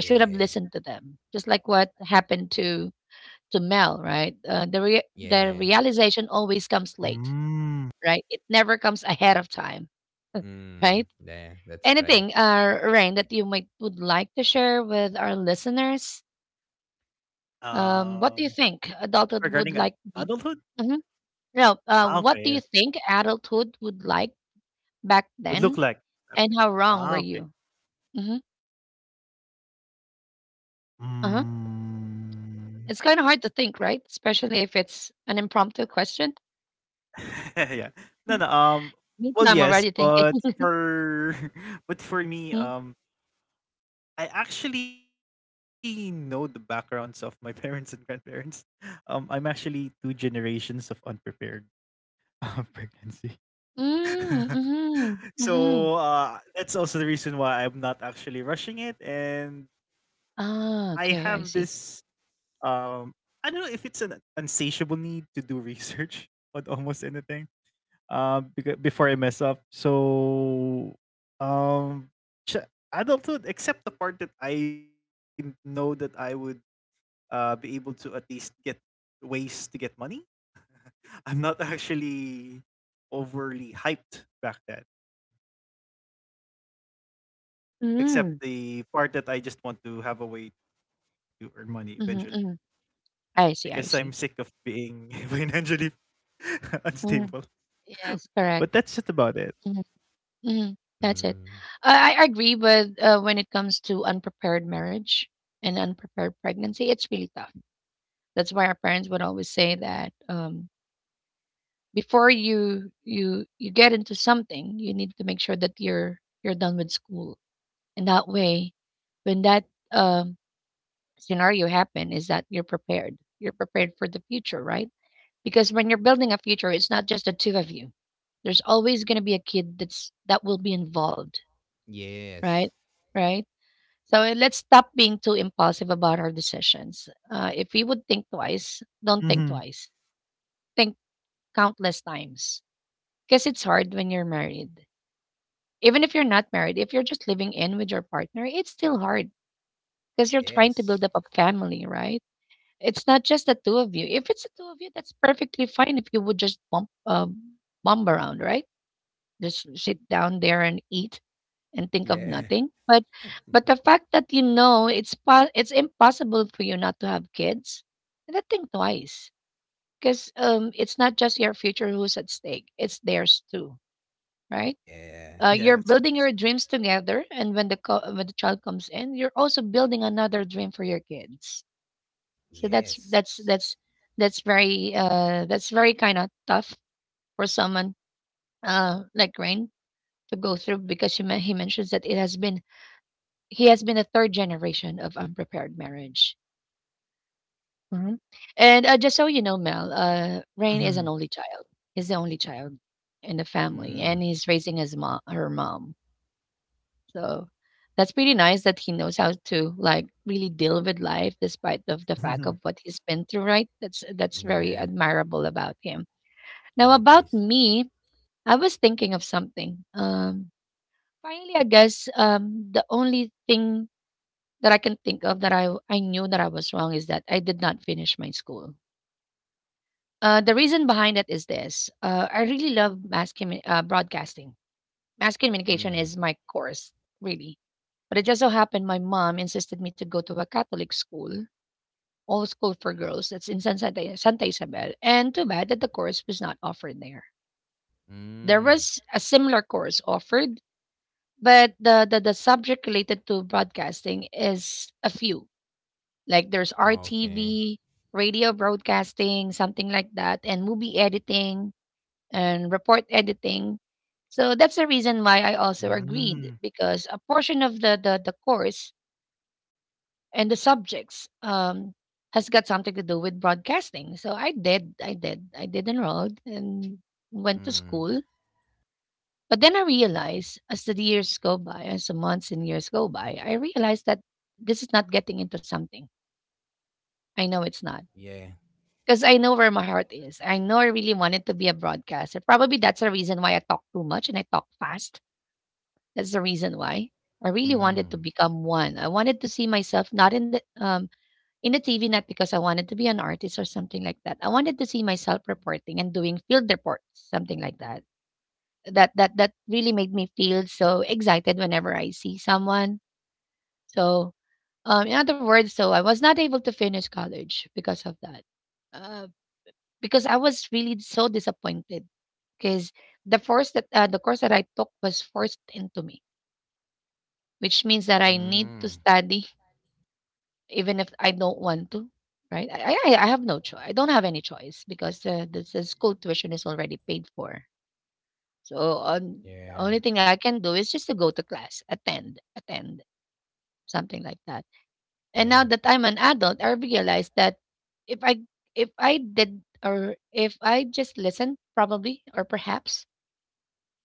A: I should have listened to them, just like what happened to Mel, right? The
B: Yeah.
A: realization always comes late,
C: Hmm.
A: right? It never comes ahead of time,
B: Mm,
A: right?
B: yeah, that's right.
A: Anything, Rain, that you might would like to share with our listeners? What do you
C: Um,
A: think adulthood would
C: regarding ad
A: like to be?
C: adulthood?
A: Hmm. No,
C: Ah,
A: what do
C: okay.
A: you
C: Okay.
A: think adulthood would like back
C: Would look
A: then,
C: like.
A: and
C: Okay.
A: how wrong were
C: Ah, okay.
A: you? Hmm. Uh-huh.
C: Mm.
A: It's kind of hard to think, right? Especially if it's an impromptu question.
C: Yeah. No, no, well,
A: Me too.
C: yes,
A: I'm already
C: but
A: thinking.
C: for But for me,
A: Mm,
C: I actually know the backgrounds of my parents and grandparents. I'm actually two generations of unprepared pregnancy.
A: mm-hmm,
C: So
A: mm-hmm.
C: that's also the reason why I'm not actually rushing it, and I have
A: Ah,
C: this
A: okay, I see.
C: um, I don't know if it's an insatiable need to do research on almost anything before I mess up. So um ch- adulthood except the part that I know that I would be able to at least get ways to get money. I'm not actually overly hyped back then. Except
A: Mm,
C: the part that I just want to have a way to earn money eventually.
A: mm-hmm, mm,
C: Because I'm
A: I
C: sick
A: see,
C: of
A: I see.
C: being financially unstable.
A: Mhm.
C: But
A: Yes,
C: that's just
A: correct.
C: about it.
A: Mhm. That's it.
B: Mm,
A: I agree with when it comes to unprepared marriage and unprepared pregnancy, it's really tough. That's why our parents would always say that before you get into something, you need to make sure that you're done with school, and that way, when that um, scenario happen, is that you're prepared. You're prepared for the future, right? Because when you're building a future, it's not just the two of you. There's always going to be a kid that will be involved,
B: yes.
A: right? Right. So let's stop being too impulsive about our decisions. If we would think twice, Don't think
C: Mhm.
A: twice. Think countless times. Because it's hard when you're married. Even if you're not married, if you're just living in with your partner, it's still hard because you're trying to build
B: Yes.
A: up a family, right? It's not just the two of you. If it's the two of you, that's perfectly fine if you would just bump around, right? Just sit down there and eat and think of
B: Yeah.
A: nothing. But the fact that you know it's impossible for you not to have kids, then think twice because it's not just your future who's at stake; it's theirs too, right?
B: Yeah.
A: You're
C: Yes,
A: building
C: yes.
A: your dreams together, and when the when the child comes in, you're also building another dream for your kids. So that's
B: Yes.
A: that's that's that's very that's very kind of tough for someone like Rain to go through because he mentions that it has been. He has been a third generation of unprepared marriage. Mhm. And, just so you know, Mel, Rain is an
C: Mhm,
A: only child. He's the only child in the family,
B: Mm,
A: and he's raising his mom her mom. So that's pretty nice that he knows how to, like, really deal with life despite
C: mhm.
A: of the fact of what he's been through, right? That's
B: yeah.
A: very admirable about him. Now
B: Yeah, this.
A: about me, I was thinking of something. Finally, I guess, the only thing that I can think of that I knew that I was wrong is that I did not finish my school. The reason behind it is this: I really love broadcasting. Mass communication
B: Mm,
A: is my course, really. But it just so happened my mom insisted me to go to a Catholic school, all school for girls. That's in Santa Isabel, and too bad that the course was not offered there. There
B: mm,
A: was a similar course offered, but the subject related to broadcasting is a few. Like there's
B: okay.
A: RTV, radio broadcasting, something like that, and movie editing and report editing. So that's the reason why I also agreed
C: Mm,
A: because a portion of the course and the subjects has got something to do with broadcasting. So I did enroll and went to
B: Mm,
A: school. But then I realized as the years go by, as the months and years go by, I realized that this is not getting into something. I know it's not,
B: yeah.
A: because I know where my heart is. I know I really wanted to be a broadcaster. Probably that's the reason why I talk too much and I talk fast. That's the reason why I really wanted
B: Mm,
A: to become one. I wanted to see myself not in the in the TV, not because I wanted to be an artist or something like that. I wanted to see myself reporting and doing field reports, something like that. That really made me feel so excited whenever I see someone. So in other words, so I was not able to finish college because of that. Uh, because I was really so disappointed because the course that I took was forced into me, which means that I need to
B: mm,
A: study even if I don't want to. Right? I have no choice. I don't have any choice because the school tuition is already paid for. So the only
B: yeah.
A: thing I can do is just to go to class, attend, something like that. And now that
B: Yeah.
A: I'm an adult, I realize that if I, if I did or if I just listened, probably or perhaps.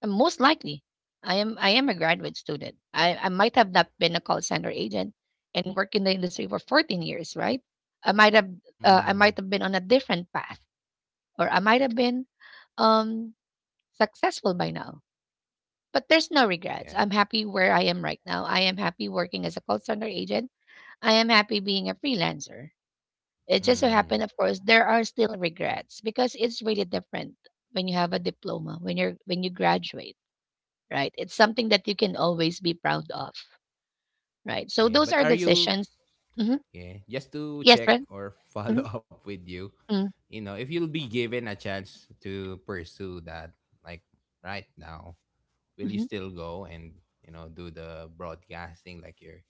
A: Most likely, I am a graduate student. I might have not been a call center agent and worked in the industry for 14 years, right? I might have
B: Mm,
A: been on a different path, or I might have been um successful by now. But there's no regrets.
B: yeah.
A: I'm happy where I am right now. I am happy working as a call center agent. I am happy being a freelancer. It just so
B: Mm,
A: happened, of course, there are still regrets because it's really different when you have a diploma when you're when you graduate, right? It's something that you can always be proud of, right? So
B: yeah.
A: those are
B: But are you
A: decisions. Hmm.
B: Yeah, just to
A: Yes, right?
B: check or
A: Hmm.
B: follow up with you,
A: Mm-hmm.
B: you know, if you'll be given a chance to pursue that, like right now, will you
A: Mm-hmm.
B: still go and, you know, do the broadcasting like your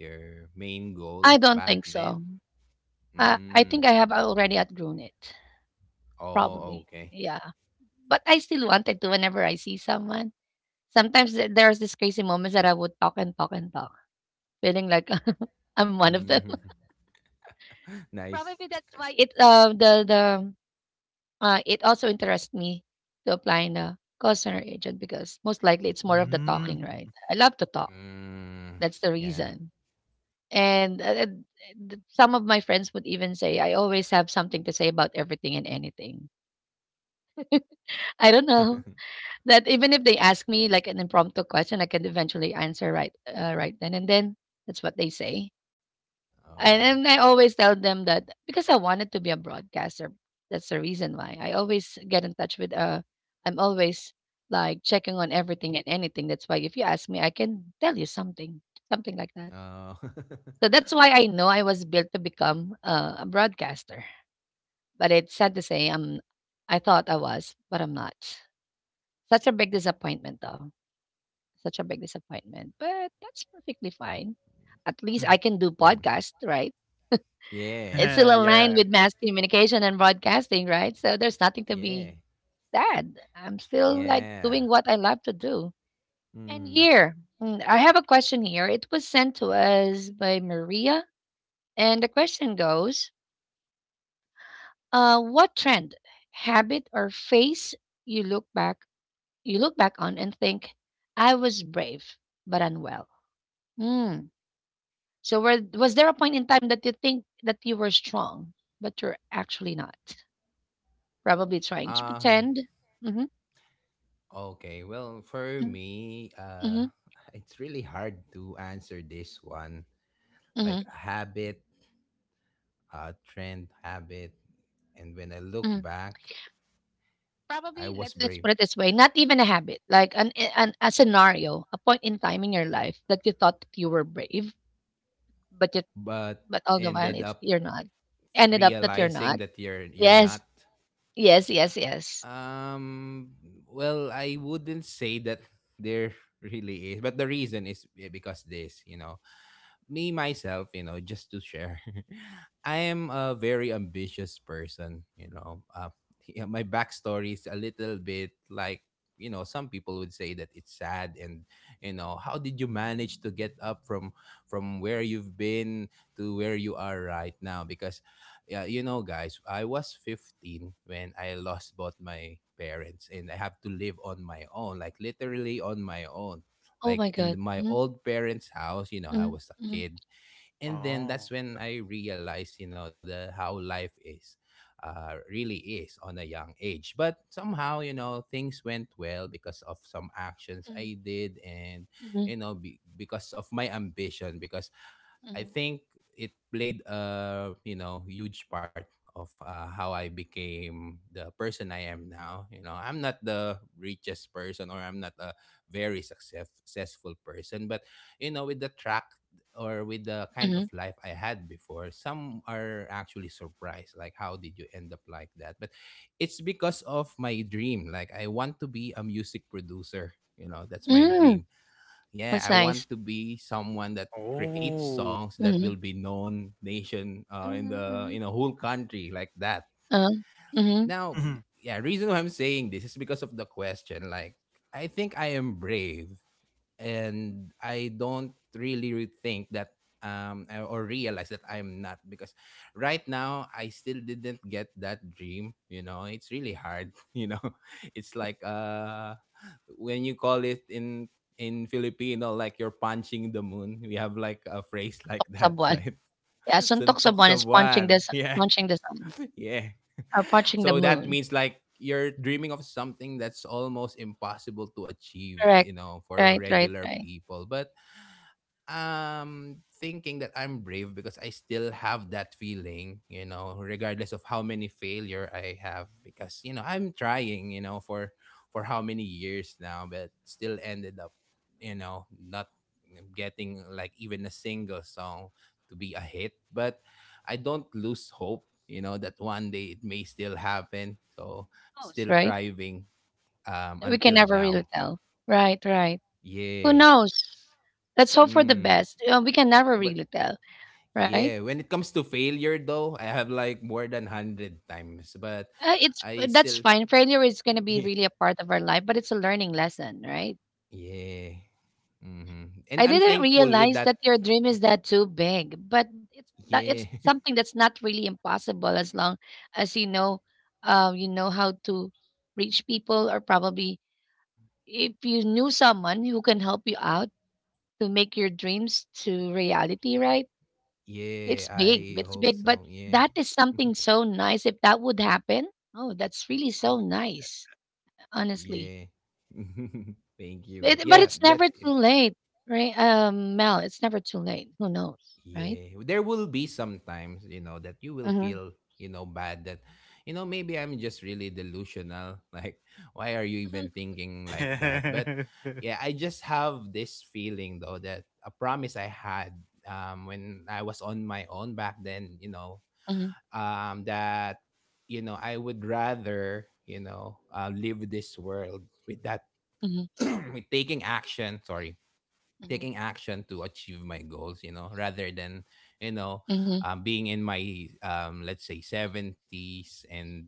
B: your main
A: I
B: goal
A: don't think
B: back
A: so.
B: then?
A: I think
B: Mm.
A: I have already outgrown it,
B: Oh,
A: probably.
B: okay.
A: Yeah. But I still wanted to whenever I see someone. Sometimes there's this crazy moments that I would talk and talk and talk, feeling like I'm one of them.
B: Mm.
A: Probably
B: Nice.
A: that's why it the it also interests me to apply in a call center agent because most likely it's more of the talking,
C: mm,
A: right?
C: mhm.
A: I love to talk.
B: Mm.
A: That's the
B: Yeah.
A: reason. And some of my friends would even say, I always have something to say about everything and anything. I don't know that even if they ask me like an impromptu question, I can eventually answer right then and then. That's what they say. And,
B: Oh.
A: and I always tell them that because I wanted to be a broadcaster, that's the reason why I always get in touch with, I'm always like checking on everything and anything. That's why if you ask me, I can tell you something, something like that.
B: Oh.
A: So that's why I know I was built to become a broadcaster. But it's sad to say I thought I was, but I'm not. Such a big disappointment though. Such a big disappointment. But that's perfectly fine. At least I can do podcast, right? It's
B: Yeah.
A: still aligned with
C: Yeah.
A: mass communication and broadcasting, right? So there's nothing to
B: Yeah.
A: be sad. I'm still like
B: Yeah.
A: doing what I love to do. And
B: Mm.
A: here, mm, I have a question here. It was sent to us by Maria. And the question goes: uh, what trend, habit, or phase you look back you look back on and think, I was brave but unwell. Mm. So was there a point in time that you think that you were strong, but you're actually not? Probably trying to
B: Um.
A: pretend. Mm-hmm,
B: Okay, well, for me,
A: mm-hmm,
B: it's really hard to answer this one.
A: mm-hmm,
B: Like a habit, a trend habit. And when I look
A: hmm.
B: back,
A: Probably
B: I
A: let's
B: was
A: let's put
B: brave,
A: it this way: not even a habit, like an a scenario, a point in time in your life that you thought that you were brave, but you
B: but
A: but all the while
B: ended
A: it's
B: up
A: you're not. Ended up that you're
B: realizing
A: not.
B: that you're
A: Yes.
B: not.
A: Yes, yes, yes.
B: Um, well, I wouldn't say that there really is, but the reason is because this, you know, me myself, you know, just to share, I am a very ambitious person. You know, yeah, my backstory is a little bit like, you know, some people would say that it's sad, and you know how did you manage to get up from where you've been to where you are right now. Because yeah, you know guys, I was 15 when I lost both my parents, and I have to live on my own, like literally on my own,
A: Oh
B: like
A: my god.
B: my
A: Mhm,
B: old parents' house. You know, I
A: mhm,
B: was a
A: mhm,
B: kid. And then that's
C: Oh.
B: when I realized, you know, the how life is really is on a young age. But somehow, you know, things went well because of some actions I
A: mhm,
B: did, and,
A: mhm,
B: you know, because of my ambition. Because I
A: mhm,
B: think it played a, you know, huge part of how I became the person I am now. You know, I'm not the richest person, or I'm not a successful person, but you know, with the track or with the kind of
A: mhm.
B: life I had before, some are actually surprised, like how did you end up like that? But it's because of my dream. Like, I want to be a music producer. You know, that's my
A: Mm,
B: dream. Yeah,
A: that's
B: I
A: nice.
B: want to be someone that creates
C: Oh.
B: songs that will
A: Mhm,
B: be known nation
A: mhm, mhm.
B: in a whole country like that.
A: Uh, mhm.
B: Now,
C: Mhm,
B: yeah, reason why I'm saying this is because of the question. Like, I think I am brave and I don't really think that I- or realize that I'm not, because right now I still didn't get that dream. You know, it's really hard you know, it's like when you call it in Filipino, like you're punching the moon. We have like a phrase like
A: Suntok sa
B: that,
A: buwan.
B: right?
A: Yeah, suntok sa
B: Suntok
A: buwan
B: sa
A: is
B: buwan. Yeah.
A: punching the sun
B: Yeah.
A: or
B: So
A: punching the
B: that means
A: moon.
B: like you're dreaming of something that's almost impossible to achieve, you
A: Correct.
B: know, for
A: Right, right,
B: regular
A: right.
B: people. But thinking that I'm brave because I still have that feeling, you know, regardless of how many failure I have, because you know, I'm trying, you know, for how many years now, but still ended up, you know, not getting like even a single song to be a hit. But I don't lose hope, you know, that one day it may still happen. So,
A: Who knows,
B: still
A: right?
B: thriving
A: We can
B: until
A: never really
B: now.
A: tell. Right, right. Who
B: Yeah.
A: knows? Let's hope for the
B: Mm.
A: best. We can never
B: But
A: really tell, right?
B: yeah, when it comes to failure though, I have like more than 100 times, but
A: It's
B: I
A: that's
B: still
A: fine. Failure is going to be really a part of our life, but it's a learning lesson, right?
B: yeah. And
A: I
B: I'm
A: didn't
B: thankful with
A: realize that
B: that.
A: your dream is that too big, but it's
B: Yeah.
A: something that's not really impossible as long as you know how to reach people, or probably if you knew someone who can help you out to make your dreams to reality. Right?
B: Yeah,
A: It's big.
B: I
A: It's
B: hope
A: big, but
B: so. Yeah.
A: that is something so nice. If that would happen, oh, that's really so
C: mhm.
A: nice. Honestly,
B: Yeah. Thank you. But
A: but
B: yeah,
A: it's never
B: that's
A: too
B: it.
A: late, right? Mel, it's never too late. Who knows, right?
B: Yeah, there will be sometimes, you know, that you will
A: Mhm.
B: feel, you know, bad that, you know, maybe I'm just really delusional. Like, why are you
A: Mm,
B: even thinking like that? But yeah, I just have this feeling though that a promise I had when I was on my own back then, you know,
A: mhm,
B: that, you know, I would rather, you know, live this world with that,
A: mhm,
B: with taking action, sorry,
A: mhm,
B: taking action to achieve my goals, you know, rather than, you know
A: mhm,
B: being in my let's say 70s, and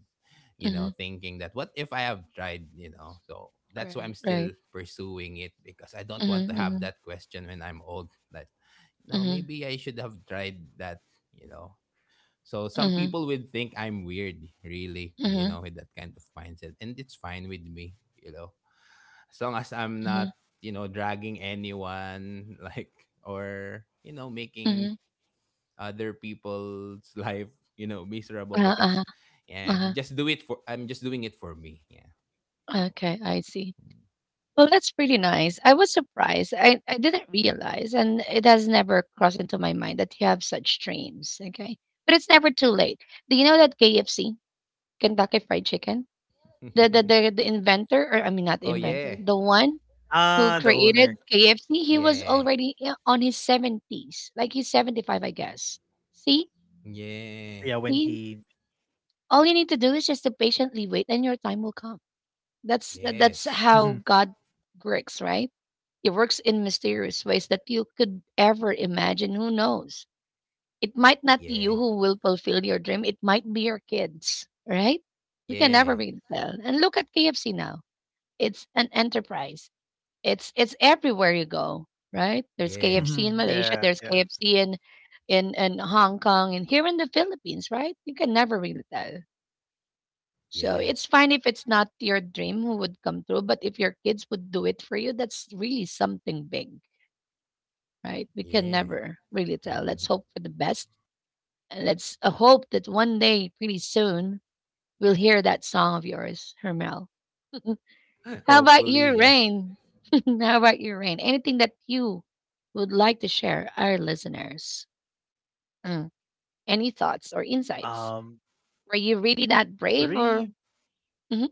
B: you know,
A: mhm.
B: thinking that what if I have tried. You know, so that's why
A: Right,
B: I'm
A: right.
B: still pursuing it, because I don't want
A: Mhm,
B: to have
A: mhm,
B: that question when I'm old, that you know,
A: mhm,
B: maybe I should have tried that, you know. So some
A: mhm,
B: people would think I'm weird really, you
A: mhm,
B: know, with that kind of mindset, and it's fine with me, you know, as long as I'm
A: mhm,
B: not, you know, dragging anyone, like, or, you know, making
A: mhm.
B: other people's life, you know, miserable
A: Uh-huh,
B: because,
A: uh-huh,
B: yeah,
A: uh-huh.
B: just do it for, I'm just doing it for me. Yeah. So,
A: Okay, I see. Well, that's pretty nice. I was surprised. I didn't realize, and it has never crossed into my mind that you have such dreams. Okay, but it's never too late. Do you know that KFC, Kentucky Fried Chicken, the inventor, or I mean not the
B: oh,
A: inventor,
B: yeah.
A: the one who
C: Ah, the
A: created
C: owner.
A: KFC, he was
B: Yeah.
A: already on his 70s. Like he's 75, I guess. See?
C: Yeah, when
B: Yeah.
C: he
A: See? All you need to do is just to patiently wait and your time will come. That's
B: Yes.
C: Mhm.
A: how God works, right? He works in mysterious ways that you could ever imagine. Who knows? It might not be you
B: Yeah.
A: who will fulfill your dream. It might be your kids, right? We can never
B: Yeah.
A: really tell. And look at KFC now. It's an enterprise. It's everywhere you go, right? There's
B: Yeah.
A: KFC in
C: Mhm.
A: Malaysia, there's
C: Yeah, yeah.
A: KFC in in Hong Kong and here in the Philippines, right? You can never really tell. So
B: Yeah.
A: it's fine if it's not your dream who would come through, but if your kids would do it for you, that's really something big, right? We can
B: Yeah.
A: never really tell. Let's hope for the best. And let's hope that one day, pretty soon, we'll hear that song of yours, Hermel. How about
B: Hopefully.
A: your
B: Yeah.
A: Rain? How about your Rain? Anything that you would like to share our listeners? Mm. Any thoughts or
C: Um,
A: insights? Were you really that brave
C: Brave
A: or mhm,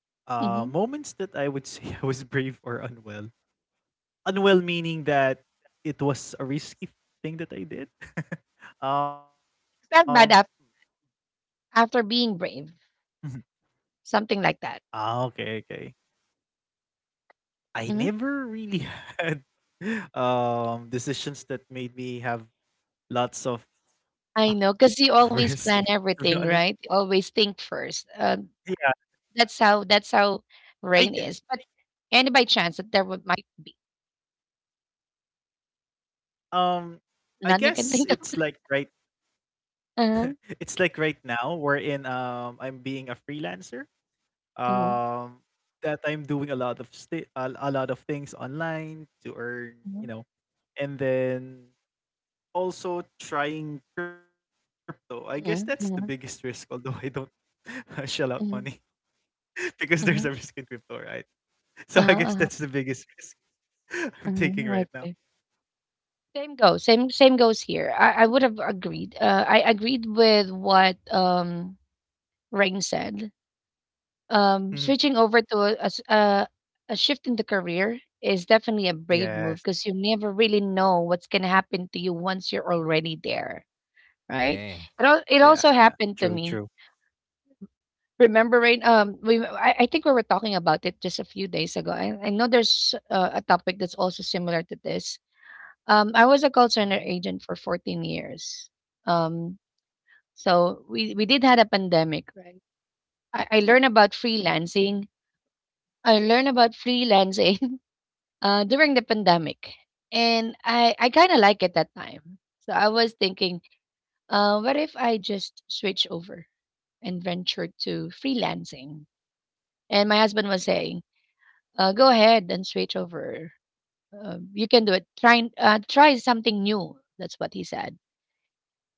A: mhm,
C: moments that I would say I was brave or unwell. Unwell meaning that it was a risky thing that I did. Um.
A: felt after being
C: Mhm.
A: brave? Something like
C: Ah,
A: that.
C: okay, okay. I never
A: Mhm.
C: really had decisions that made me have lots of
A: I know,
C: risk,
A: because you
C: to
A: always
C: be
A: plan
C: honest.
A: everything, right? You always think first.
C: Yeah,
A: That's how that's how
C: I get
A: Rain is. But any by chance that there would might
C: um I
A: none you can
C: guess
A: think of?
C: it's like it's
A: Uh-huh.
C: like right now we're in I'm being a freelancer.
A: Uh-huh.
C: Um that I'm doing a lot of things online to earn, you know, and then also trying crypto. I guess that's the
A: Uh-huh.
C: biggest
A: Uh-huh.
C: risk, although I don't shell out
A: Uh-huh.
C: money because there's a
A: Uh-huh.
C: risk in crypto, right? So I guess
A: Uh-huh.
C: that's the biggest risk I'm
A: Mhm,
C: taking right
A: okay.
C: now.
A: Same goes. Same goes here. I would have agreed. I agreed with what Rain said.
C: Mhm.
A: Switching over to a, a shift in the career is definitely a brave move because you
C: Yes.
A: never really know what's gonna happen to you once you're already there, right?
B: Yeah.
A: It
C: Yeah,
A: al- it
C: yeah.
A: also
C: True,
A: happened
C: true.
A: to me. Remember, Rain? We I think we were talking about it just a few days ago. I know there's a topic that's also similar to this. I was a call center agent
C: Mhm.
A: for 14 years. Um, so we did had a pandemic, right? I learned about freelancing. I learned about freelancing during the pandemic, and I kind of like it that time. So I was thinking, what if I just switch over and venture to freelancing? And my husband was saying, go ahead and switch over. You can do it. Try something new. That's what he said,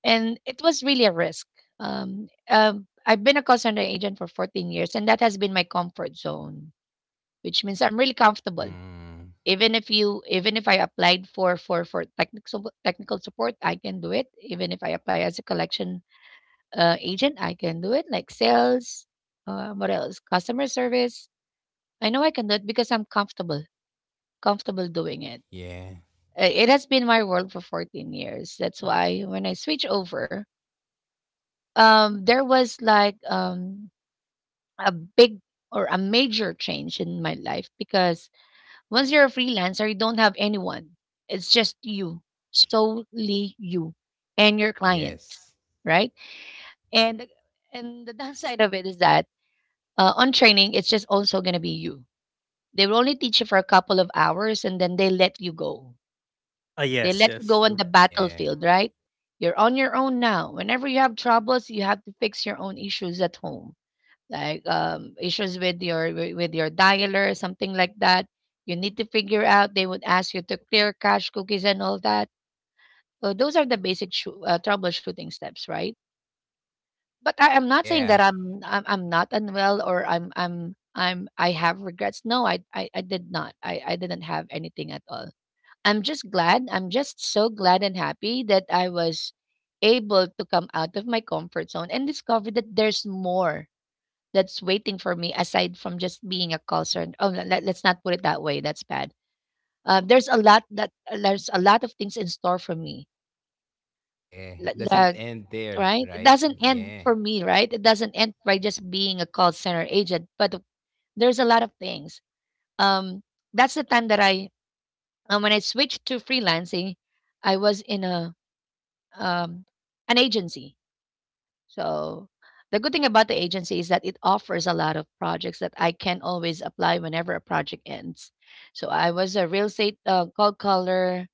A: and it was really a risk. I've been a call center agent for 14 years, and that has been my comfort zone, which means I'm really comfortable.
B: Mm.
A: Even if I applied for for technical support, I can do it. Even if I apply as a collection agent, I can do it. Like sales, what else? Customer service. I know I can do it because I'm comfortable, comfortable doing it.
B: Yeah.
A: It has been my world for 14 years. That's why when I switch over, there was like a big or a major change in my life because once you're a freelancer, you don't have anyone. It's just you, solely you and your clients,
B: Yes.
A: right? And and the downside of it is that on training, it's just also gonna be you. They will only teach you for a couple of hours and then they let you go. They
C: Ah,
A: let you go
C: yes,
A: on the
C: yes, true.
B: Yeah.
A: battlefield, right? You're on your own now. Whenever you have troubles, you have to fix your own issues at home, like issues with your with your dialer, something like that. You need to figure out. They would ask you to clear cache cookies and all that. So those are the basic troubleshooting steps, right? But I'm not
B: Yeah.
A: saying that I'm not unwell or I have regrets. No, I did not. I didn't have anything at all. I'm just glad. I'm just so glad and happy that I was able to come out of my comfort zone and discover that there's more that's waiting for me aside from just being a call center. Oh, let's not put it that way. That's bad. There's a lot that there's a lot of things in store for me.
B: Yeah,
A: Li-
B: it doesn't
A: Like,
B: end there,
A: right? it
B: right?
A: doesn't end
B: Yeah.
A: for me, right? It doesn't end by just being a call center agent, but there's a lot of things. Um, that's the time that I when I switched to freelancing, I was in a um, an agency. So the good thing about the agency is that it offers a lot of projects that I can always apply whenever a project ends. So I was a real estate cold caller,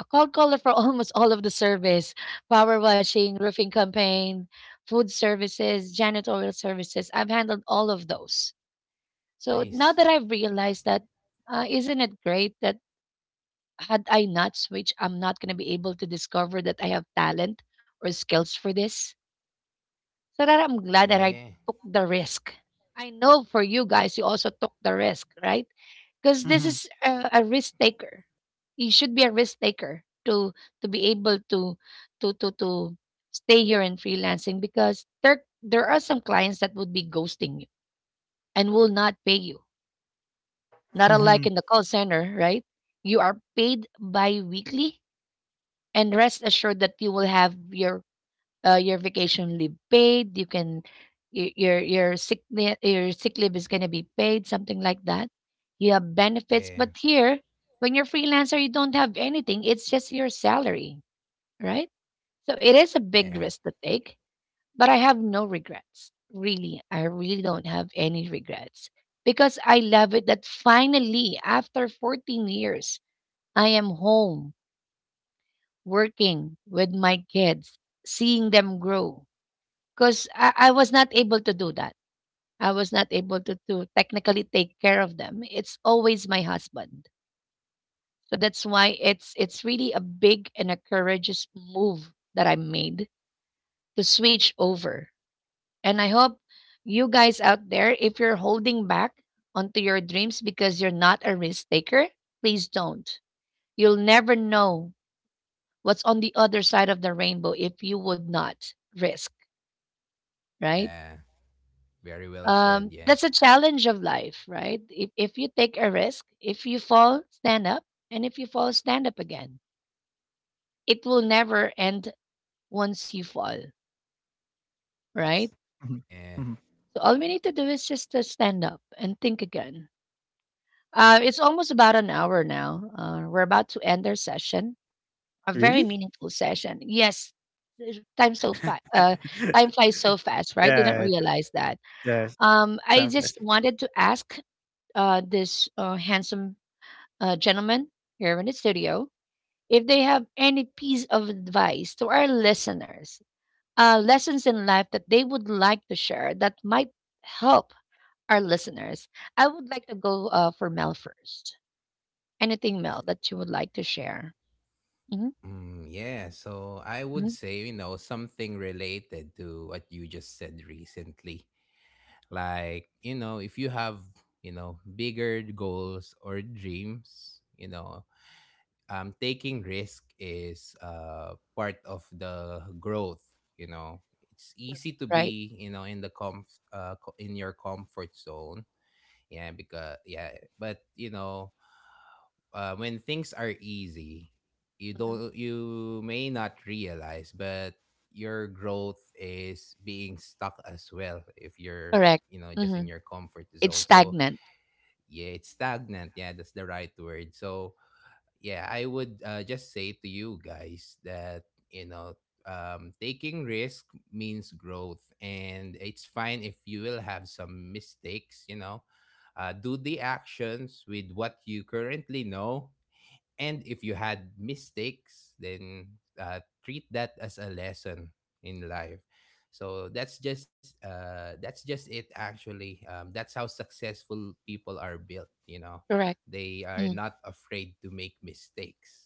A: a cold caller for almost all of the service, power washing, roofing campaign, food services, janitorial services. I've handled all of those. So now
B: Nice.
A: that I've realized that, isn't it great that had I not switched, I'm not going to be able to discover that I have talent or skills for this? So that I'm glad that
B: Yeah.
A: I took the risk. I know for you guys, you also took the risk, right? Because this is
C: Mhm.
A: a risk taker. You should be a risk taker to be able to to stay here in freelancing because there are some clients that would be ghosting you and will not pay you. Not unlike in the call
C: Mhm.
A: center, right? You are paid bi-weekly and rest assured that you will have your vacation leave paid. You can your your sick leave is going to be paid, something like that. You have benefits,
B: Yeah.
A: but here when you're freelancer, you don't have anything. It's just your salary, right? So it is a big
B: Yeah.
A: risk to take, but I have no regrets. Really, I really don't have any regrets because I love it that finally after 14 years, I am home, working with my kids, seeing them grow because I was not able to do that. I was not able to technically take care of them. It's always my husband. So that's why it's really a big and a courageous move that I made to switch over. And I hope you guys out there, if you're holding back onto your dreams because you're not a risk taker, please don't. You'll never know what's on the other side of the rainbow if you would not risk, right?
B: Yeah. Very well said.
A: Um,
B: Yeah.
A: that's a challenge of life, right? If you take a risk, if you fall, stand up, and if you fall, stand up again. It will never end once you fall, right?
C: Yes.
B: Yeah.
C: Mhm. Mhm.
A: So all we need to do is just to stand up and think again. It's almost about an hour now. We're about to end our session, a very
C: Really?
A: meaningful session. Yes, the time so fast. Time flies so fast, right? Didn't
C: Yeah,
A: realize that.
C: yes,
A: I
C: time
A: just
C: flies,
A: wanted to ask this handsome gentlemen here in the studio, if they have any piece of advice to our listeners, lessons in life that they would like to share that might help our listeners. I would like to go for Mel first. Anything, Mel, that you would like to share? Hmm.
B: Mm, yeah. So I would
A: Hmm.
B: say, you know, something related to what you just said recently. Like, you know, if you have, you know, bigger goals or dreams, you know, taking risk is part of the growth. You know, it's easy to
A: Right.
B: be, you know, in the in your comfort zone. Yeah, because yeah, but you know, when things are easy,
A: Hmm.
B: you may not realize, but your growth is being stuck as well if you're,
A: Correct.
B: you know, just in
A: Hmm.
B: your comfort
A: It's
B: zone. So
A: stagnant.
B: yeah, it's stagnant, yeah, that's the right word. So yeah, I would just say to you guys that you know, taking risk means growth, and it's fine if you will have some mistakes. You know, do the actions with what you currently know, and if you had mistakes, then treat that as a lesson in life. So that's just it. Actually, that's how successful people are built. You know,
A: Correct.
B: they are
A: Mm.
B: not afraid to make mistakes,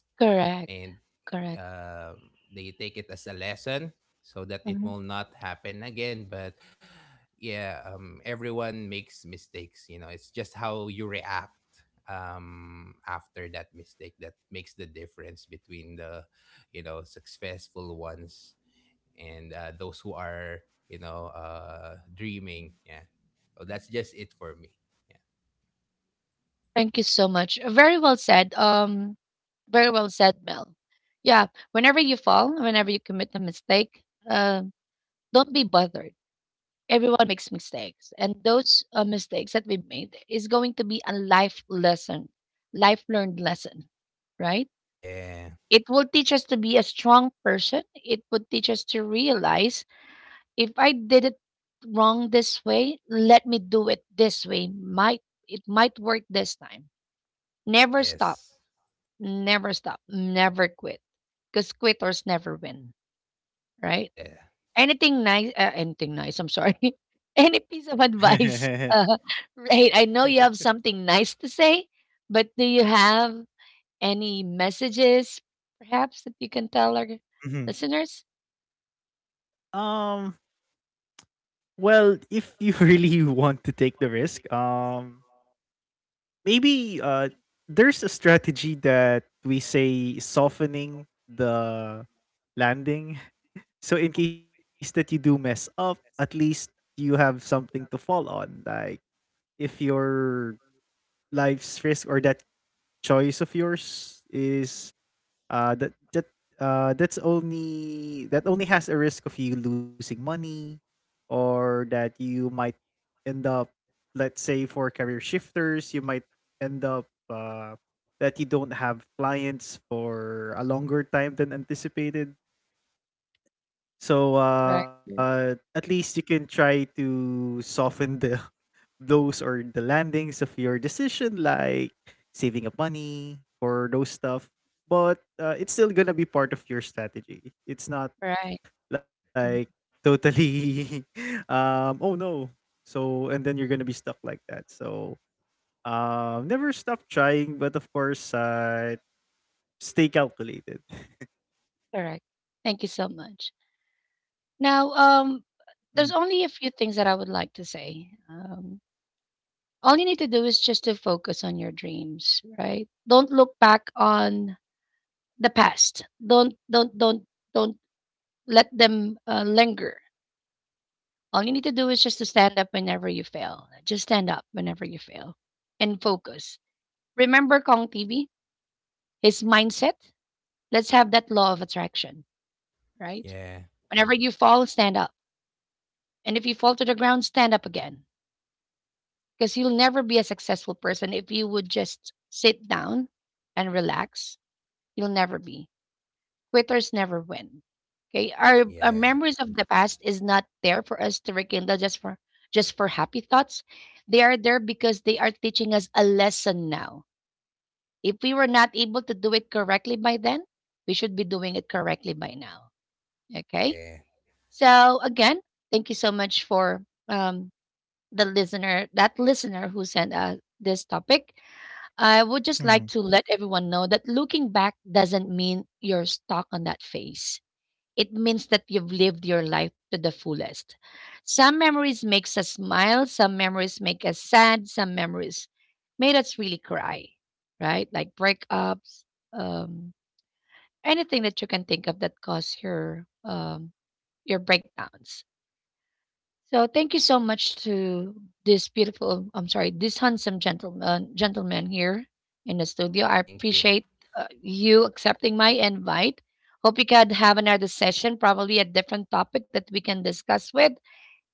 B: and
A: Correct. Correct.
B: uh, they take it as a lesson so that it
A: Mm-hmm.
B: will not happen again. But yeah, everyone makes mistakes. You know, it's just how you react after that mistake that makes the difference between the, you know, successful ones and those who are, you know, dreaming. Yeah, so that's just it for me. Yeah.
A: Thank you so much. Very well said. Very well said, Mel. Yeah, whenever you fall, whenever you commit a mistake, uh, don't be bothered. Everyone makes mistakes, and those mistakes that we made is going to be a life lesson, life learned lesson, right?
B: Yeah.
A: It will teach us to be a strong person. It would teach us to realize, if I did it wrong this way, let me do it this way. Might it might work this time. Never stop.
B: Yes.
A: Never stop, never quit. Cause quitters never win, right?
B: Yeah.
A: Anything nice, I'm sorry. Any piece of advice, right? I know you have something nice to say, but do you have any messages perhaps that you can tell our
C: Mhm.
A: listeners?
C: Um, well, if you really want to take the risk, maybe there's a strategy that we say softening the landing. So in case that you do mess up, at least you have something to fall on. Like if your life's risk or that choice of yours is uh that that that's only that only has a risk of you losing money or that you might end up, let's say for career shifters, you might end up that you don't have clients for a longer time than anticipated. So
A: Right, mm,
C: at least you can try to soften the blows or the landings of your decision, like saving up money or those stuff. But it's still gonna be part of your strategy. It's not
A: right.
C: like
A: Mm,
C: totally, oh no. So and then you're gonna be stuck like that. So never stop trying, but of course, stay calculated.
A: correct. Thank you so much. Now,
C: Mhm.
A: there's only a few things that I would like to say. All you need to do is just to focus on your dreams, right? Don't look back on the past. Don't let them linger. All you need to do is just to stand up whenever you fail. Just stand up whenever you fail and focus. Remember Kong TV, his mindset. Let's have that law of attraction, right?
B: Yeah.
A: Whenever you fall, stand up. And if you fall to the ground, stand up again. Because you'll never be a successful person if you would just sit down and relax. You'll never be. Quitters never win. Okay, our
B: Yeah.
A: memories of the past is not there for us to rekindle just for happy thoughts. They are there because they are teaching us a lesson now. If we were not able to do it correctly by then, we should be doing it correctly by now. Okay.
B: Yeah.
A: So again, thank you so much for the listener, that listener who sent us this topic. I would just like
C: Mhm.
A: to let everyone know that looking back doesn't mean you're stuck on that phase. It means that you've lived your life to the fullest. Some memories makes us smile, some memories make us sad, some memories made us really cry, right? Like breakups, um, anything that you can think of that caused your breakdowns. So thank you so much to this beautiful, I'm sorry, this handsome gentleman here in the studio. I
B: Thank you.
A: appreciate you accepting my invite. Hope we could have another session, probably a different topic that we can discuss with.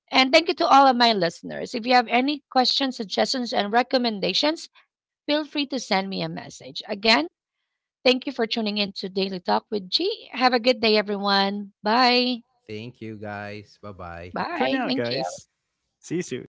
A: And thank you to all of my listeners. If you have any questions, suggestions, and recommendations, feel free to send me a message. Again, thank you for tuning in to Daily Talk with G. Have a good day, everyone. Bye.
B: Thank you, guys. Bye bye.
C: Bye for
A: Bye.
C: now,
A: Thank you.
C: guys. See you soon.